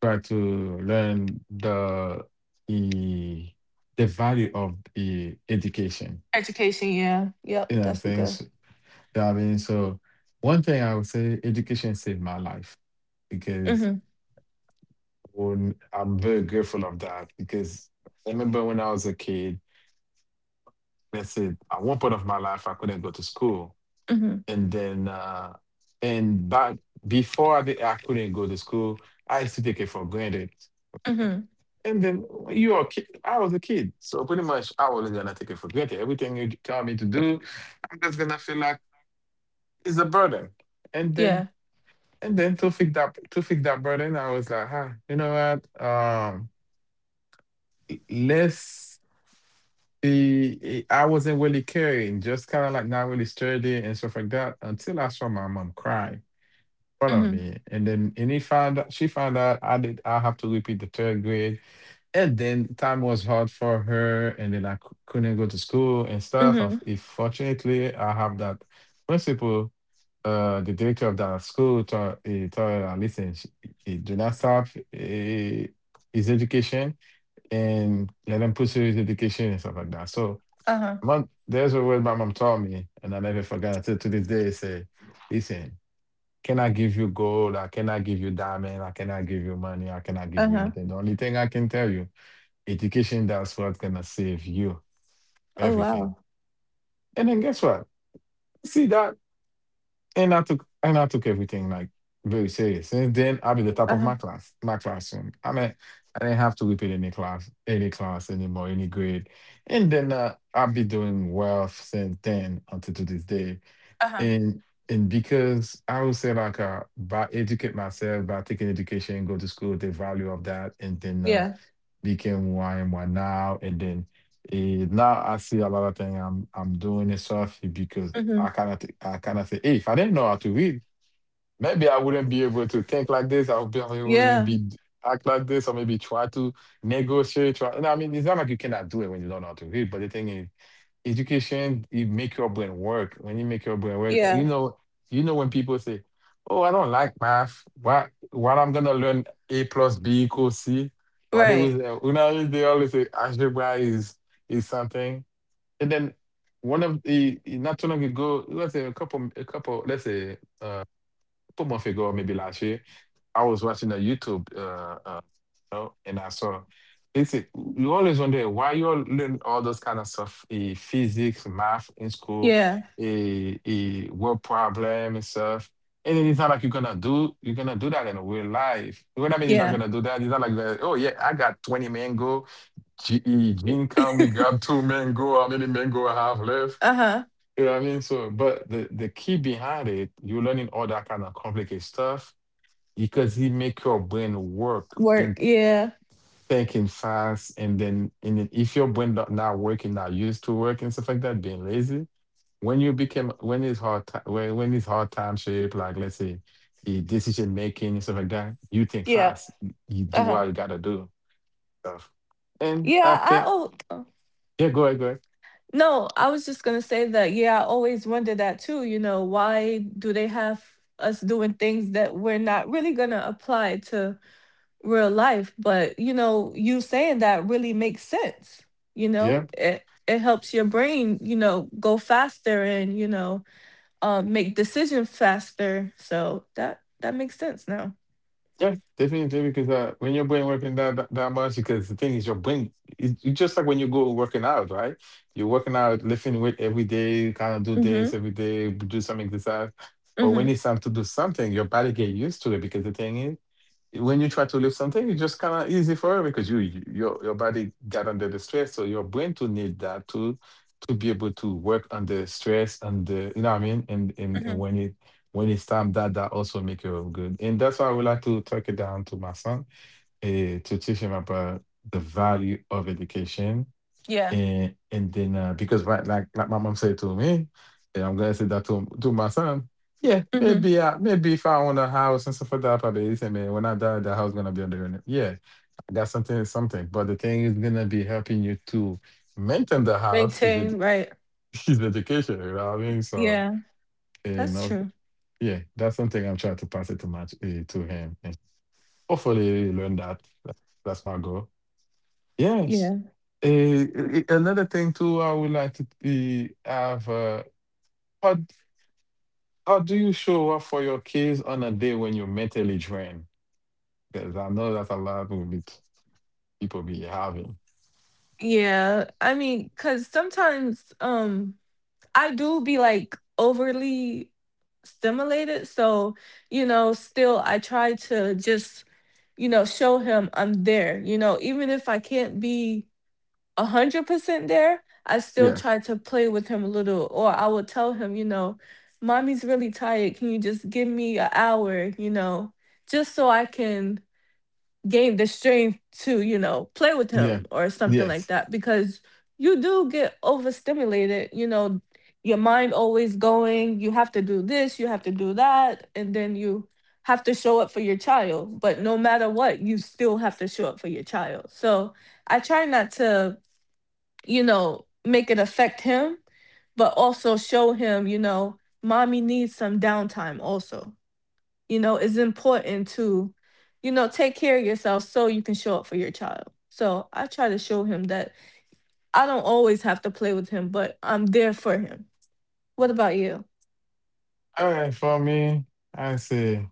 S1: Try to learn the, the value of the education.
S2: Education, yeah. Yep,
S1: You know what I'm
S2: that's the
S1: saying?
S2: good.
S1: You know what I mean, so one thing I would say, education saved my life because
S2: Mm-hmm.
S1: I'm very grateful of that because I remember when I was a kid, let's say at one point of my life I couldn't go to school
S2: Mm-hmm.
S1: and then and but I couldn't go to school, I used to take it for granted.
S2: Mm-hmm.
S1: And then you are a kid, I was a kid, so pretty much I was gonna take it for granted. Everything you tell me to do, I'm just gonna feel like it's a burden. And then
S2: Yeah.
S1: and then to fix that burden, I was like, huh, you know what? Let's I wasn't really caring, just kind of like not really sturdy and stuff like that until I saw my mom cry front of
S2: Mm-hmm.
S1: me. And then and he found out she found out I have to repeat the third grade. And then time was hard for her and then I couldn't go to school and stuff.
S2: Mm-hmm.
S1: If fortunately I have that principal, the director of that school taught he told her listen, he do not stop his education and let him pursue his education and stuff like that. So
S2: Uh-huh.
S1: my, there's a word my mom taught me and I never forgot until to this day say, listen, can I give you gold? I cannot give you diamond. I cannot give you money. I cannot give you
S2: Uh-huh.
S1: anything. The only thing I can tell you, education, that's what's gonna save you
S2: Oh
S1: everything.
S2: wow.
S1: And then guess what? See that? And I took everything like very serious. Since then, I'll be the top of
S2: Uh-huh.
S1: my class, my classroom. I mean, I didn't have to repeat any class anymore, any grade. And then I'll be doing well since then until to this day.
S2: Uh-huh.
S1: and and because I would say like by educate myself by taking education, go to school, the value of that, and then
S2: Yeah.
S1: became who I am right now. And then now I see a lot of things I'm doing and stuff eh, because I
S2: Mm-hmm.
S1: cannot I cannot say, hey, if I didn't know how to read, maybe I wouldn't be able to think like this. I would probably wouldn't
S2: Yeah.
S1: be act like this, or maybe try to negotiate. Try, and it's not like you cannot do it when you don't know how to read, but the thing is education it make your brain work. When you make your brain work eh, you
S2: Yeah.
S1: know you know when people say, oh, I don't like math. What I'm gonna learn, a plus b equals c. What they
S2: Right.
S1: was, they always say algebra is something. And then one of the, not too long ago, let's say a couple, let's say couple months ago, or maybe last year, I was watching a YouTube, and I saw. It's a- you always wonder why you all learn all those kind of stuff, eh, physics, math in school,
S2: Yeah.
S1: a word problem and stuff. And then it's not like you're gonna do that in real life. You know what I mean? You're not
S2: Yeah.
S1: gonna do that. It's not like that, oh yeah, I got 20 mango. Gene come, we grab two mango. How many mango I have left?
S2: Uh-huh.
S1: You know what I mean? So, but the key behind it, you're learning all that kind of complicated stuff because it make your brain work,
S2: Work.
S1: been
S2: Yeah.
S1: thinking fast. And then if your brain not working, not used to work and stuff like that, being lazy. When you became, when it's when it's hard time shape, like let's say the decision making and stuff like that, you think
S2: Yeah.
S1: fast. You do what
S2: Uh-huh.
S1: you gotta do stuff. And I
S2: Yeah, I
S1: think,
S2: oh oh.
S1: yeah, go ahead, go ahead.
S2: No, I was just gonna say that yeah, I always wonder that too, you know, why do they have us doing things that we're not really gonna apply to real life? But you know, you saying that really makes sense, you
S1: Yeah.
S2: know? It helps your brain, you know, go faster and, you know, make decisions faster. So that that makes sense now.
S1: Yeah, definitely. Because when your brain working that much, because the thing is, your brain, it, it's just like when you go working out, right? You're working out, lifting weight every day, you kind of do this
S2: Mhm.
S1: every day, do some exercise. But when
S2: Mhm.
S1: it's time to do something, your body get used to it because the thing is when you try to lift something, it's just kind of easy for her because your body got under the stress, so your brain to need that to be able to work under stress and the, you know what I mean. And
S2: Mhm.
S1: when it when it's time, that also make you good, and that's why I would like to talk it down to my son to teach him about the value of education.
S2: Yeah.
S1: And then because right, like my mom said to me, and I'm gonna say that to my son. Yeah,
S2: Mhm.
S1: maybe maybe if I own a house and stuff like that, probably say, man, when I die, the house gonna be under your name. Yeah, that's something something. But the thing is gonna be helping you to maintain the house is ed-
S2: Maintain, right.
S1: is education. You know what I mean? So
S2: Yeah.
S1: eh, you
S2: That's
S1: know,
S2: true.
S1: yeah, that's something I'm trying to pass it to my to him, and hopefully he learn that. That- that's my goal. Yes.
S2: Yeah.
S1: Eh, eh,
S2: that's-
S1: another thing too, I would like to be have. How how do you show up for your kids on a day when you're mentally drained? Because I know that a lot will be people be having.
S2: Yeah. I mean, cuz sometimes I do be like overly stimulated, so you know, still I try to just you know, show him I'm there. You know, even if I can't be 100% there, I still
S1: Yeah.
S2: try to play with him a little, or I would tell him, you know, mommy's really tired. Can you just give me an hour, you know, just so I can gain the strength to, you know, play with
S1: Yeah.
S2: him or something like
S1: Yes.
S2: that? Because you do get overstimulated, you know, your mind always going, you have to do this, you have to do that, and then you have to show up for your child. But no matter what, you still have to show up for your child. So I try not to you know, make it affect him, but also show him, you know, mommy needs some downtime also. You know, it's important to, you know, take care of yourself so you can show up for your child. So I try to show him that I don't always have to play with him, but I'm there for him. What about you?
S1: All right. For me, I say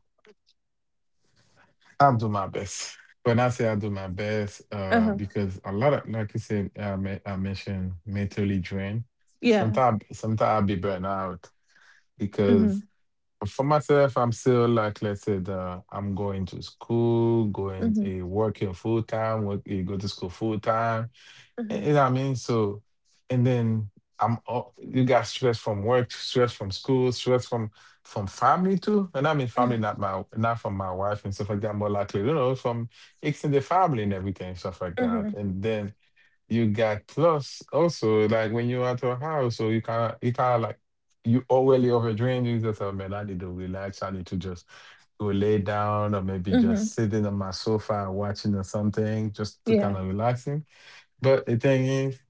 S1: I'll do my best. When I say I do my best,
S2: Uh huh.
S1: because a lot of, like you said, I mentioned mentally drained.
S2: Yeah.
S1: Sometimes, sometimes I'll be burnt out because
S2: Mhm.
S1: for myself, I'm still like, let's say that I'm going to school, going
S2: Mhm.
S1: working full time, work, go to school full time.
S2: Mhm.
S1: You know what I mean? So, and then I'm all, you got stress from work, stress from school, stress from family too. And I mean
S2: Mhm.
S1: family, not from my wife and stuff like that. More likely, you know, from extended family and everything, stuff like that.
S2: Mhm.
S1: And then you got plus also, like when you're at your house, so you kind of like you already overdrain yourself. Man, I need to relax. I need to just go lay down, or maybe
S2: Mhm.
S1: just sitting on my sofa watching or something just to
S2: Yeah.
S1: kind of relaxing. But the thing is,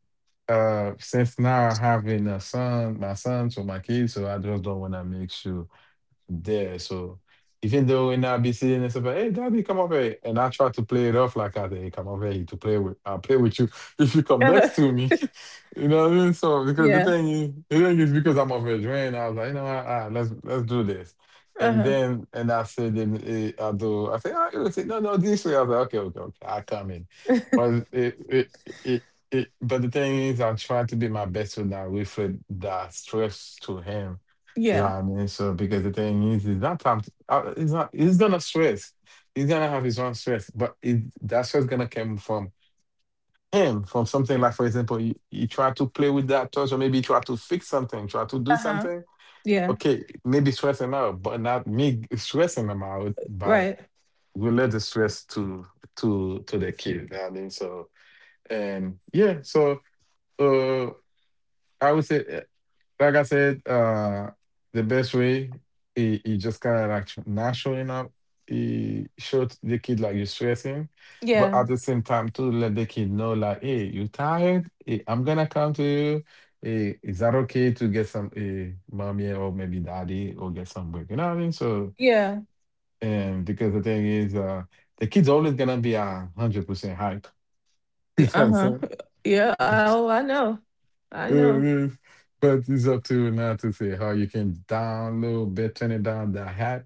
S1: since now having a son, my son, so my kids, so I just don't want to make sure there. So even though when I be saying this about, hey daddy, come over here. And I try to play it off like I did, come over here to play with. I'll play with you if you come
S2: Uh-huh.
S1: next to me. You know what I mean? So because the
S2: Yeah.
S1: thing is the thing is because I'm over drained, I was like, you know what, all right, let's do this.
S2: Uh
S1: And
S2: huh.
S1: then and I said then I say, all right, let's say, no, no, this way. I was like, okay, okay, okay, I come in. But it it, but the thing is, I try to be my best to not reflect that stress to him.
S2: Yeah.
S1: Yeah, I mean, so because the thing is that time it's not he's gonna stress. He's gonna have his own stress, but it, that stress gonna come from him, from something, like, for example, you try to play with that toy, or maybe you try to fix something, try to do
S2: Uh huh.
S1: something.
S2: Yeah.
S1: Okay, maybe stress him out, but not me stressing him out. But
S2: Right.
S1: we let the stress to to the kid. You know what I mean, so and yeah, so. uh, I would say, like I said, the best way he just kind of like not showing up. He showed the kid like you're stressing, but
S2: Yeah.
S1: at the same time too, let the kid know like, hey, you tired? Hey, I'm gonna come to you. Hey, is that okay to get some mommy or maybe daddy or get some break? You know what I mean? So,
S2: Yeah.
S1: and because the thing is, the kid's always gonna be 100% hype. You know what I'm
S2: Uh-huh.
S1: saying?
S2: Yeah, oh, I know. I know.
S1: Uh, But it's up to now to say how you can download, but turn it down the app,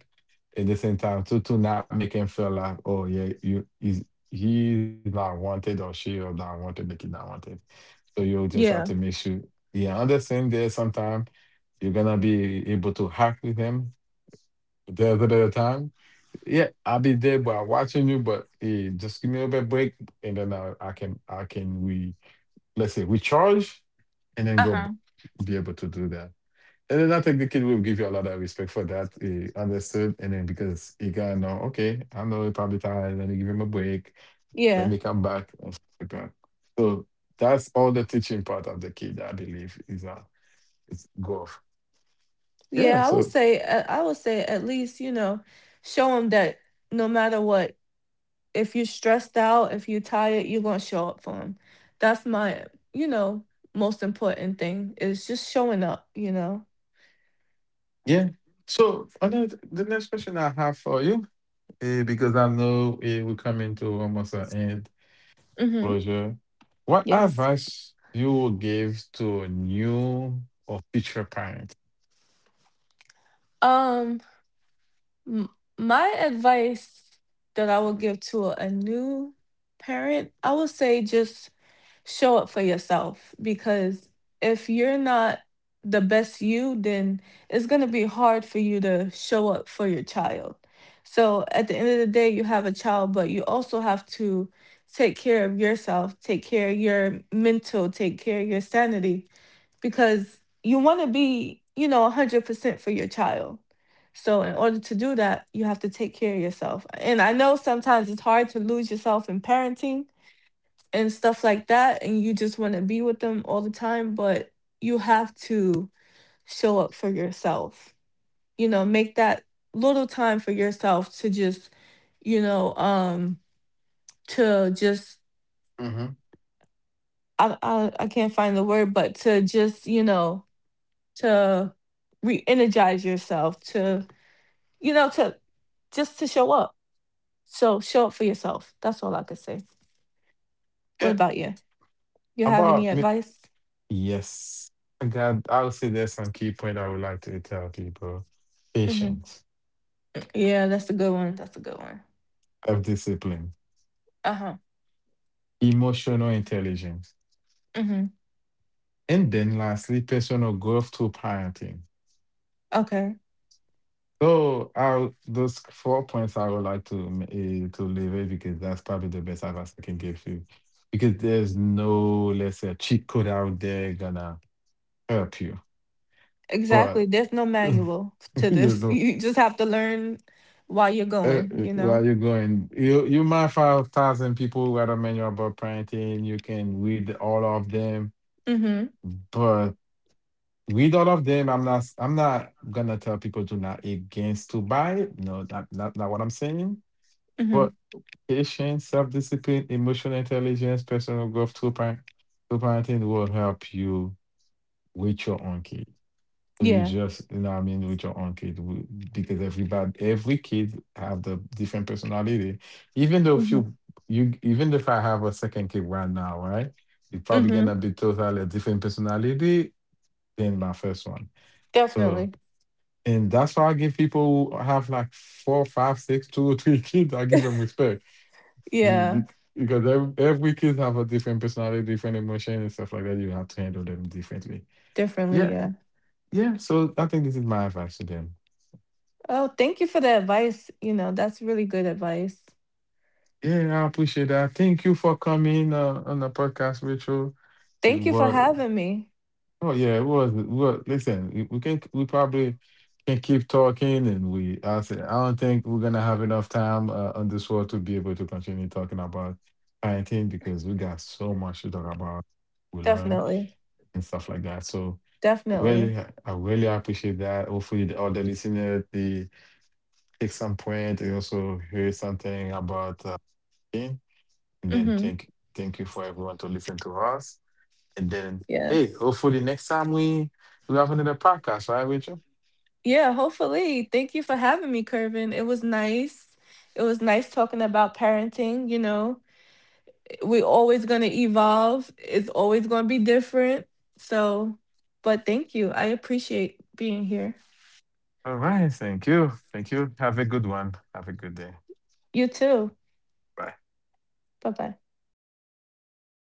S1: at the same time to not make him feel like, oh yeah, you is he's not wanted, or she or not wanted, the kid not wanted. So you just have to
S2: Yeah.
S1: make sure you understand there sometime you're gonna be able to hack with him. The other time, yeah, I'll be there, but I'm watching you. But hey, just give me a bit break, and then I can, I can, we, let's say, recharge and then
S2: Uh-huh.
S1: be able to do that. And then I think the kid will give you a lot of respect for that. He understood. And then because he got to know, okay, I know it's probably tired. Let me give him a break. Let
S2: Yeah.
S1: me come back. And stuff like that. So that's all the teaching part of the kid, I believe, is golf. Yeah.
S2: Yeah, I would
S1: So,
S2: say uh, I would say at least, you know, show them that no matter what, if you're stressed out, if you're tired, you're going to show up for them. That's my, you know, most important thing is just showing up, you know.
S1: yeah. So another, the next question I have for you, because I know we're coming to almost an end
S2: Mhm.
S1: closure. What
S2: Yes.
S1: advice you would give to new or future parent?
S2: Um m- my advice that I would give to a new parent, I would say just show up for yourself because if you're not the best you, then it's going to be hard for you to show up for your child. So at the end of the day, you have a child, but you also have to take care of yourself, take care of your mental, take care of your sanity because you want to be, you know, 100% for your child. So in order to do that, you have to take care of yourself. And I know sometimes it's hard to lose yourself in parenting, and stuff like that, and you just want to be with them all the time, but you have to show up for yourself, you know, make that little time for yourself to just you know to just
S1: Hmm.
S2: I can't find the word, but to just you know to re-energize yourself to you know to just to show up. So show up for yourself, that's all I could say. What
S1: Yeah,
S2: about you? You have any
S1: about me.
S2: advice?
S1: Yes, I got. I would say there's some key point I would like to tell people:
S2: Hmm.
S1: patience,
S2: Yeah, that's a good one, that's a good one.
S1: self discipline,
S2: Uh huh.
S1: emotional intelligence,
S2: Hmm.
S1: and then lastly, personal growth through parenting.
S2: Okay.
S1: So I those four points I would like to to leverage, because that's probably the best advice I can give you. Because there's no, let's say, cheat code out there gonna help you.
S2: Exactly.
S1: But
S2: There's no manual to
S1: you
S2: this.
S1: know,
S2: You just have to learn while you're going, you know?
S1: while you're going, you might find a thousand people who got a manual about parenting. You can read all of them,
S2: Hmm.
S1: but read all of them. I'm not. I'm not gonna tell people to not against to buy it. No, that not, not what I'm saying. But
S2: Hmm.
S1: patience, self discipline, emotional intelligence, personal growth, two parent, two parenting will help you with your own kid. So you
S2: Yeah.
S1: just, you know what I mean, with your own kid, w- because everybody, every kid have the different personality. Even though if
S2: Hmm.
S1: you, you, even if I have a second kid right now, right, you're probably
S2: Hmm.
S1: gonna be totally a different personality than my first one. So,
S2: Definitely.
S1: and that's why I give people who have like four, five, six, two or three kids, I give them respect.
S2: Yeah.
S1: Because every kid have a different personality, different emotion and stuff like that. You have to handle them differently.
S2: Definitely.
S1: Yeah.
S2: Yeah.
S1: Yeah. So I think this is my advice to them.
S2: Oh, thank you for the advice. You know, that's really good advice.
S1: Yeah, I appreciate that. Thank you for coming on the podcast, Rachel. It
S2: Thank you for
S1: was
S2: having me.
S1: oh yeah, it was, well listen, we can, we probably can keep talking, and we I say I don't think we're gonna have enough time on this world to be able to continue talking about parenting, because we got so much to talk about, we learn
S2: Definitely.
S1: and stuff like that. So really,
S2: Definitely.
S1: I really appreciate that. Hopefully, the, all the listeners they take some point. They also hear something about it. And then
S2: Hmm.
S1: thank you for everyone to listen to us. And then hey,
S2: Yes.
S1: hopefully next time we have another podcast, right, Rachel?
S2: Yeah, hopefully. Thank you for having me, Kervin. It was nice. It was nice talking about parenting, you know. We're always going to evolve. It's always going to be different. So, but thank you. I appreciate being here.
S1: All right, thank you, thank you. Have a good one. Have a good day.
S2: You too.
S1: Bye.
S2: Bye bye.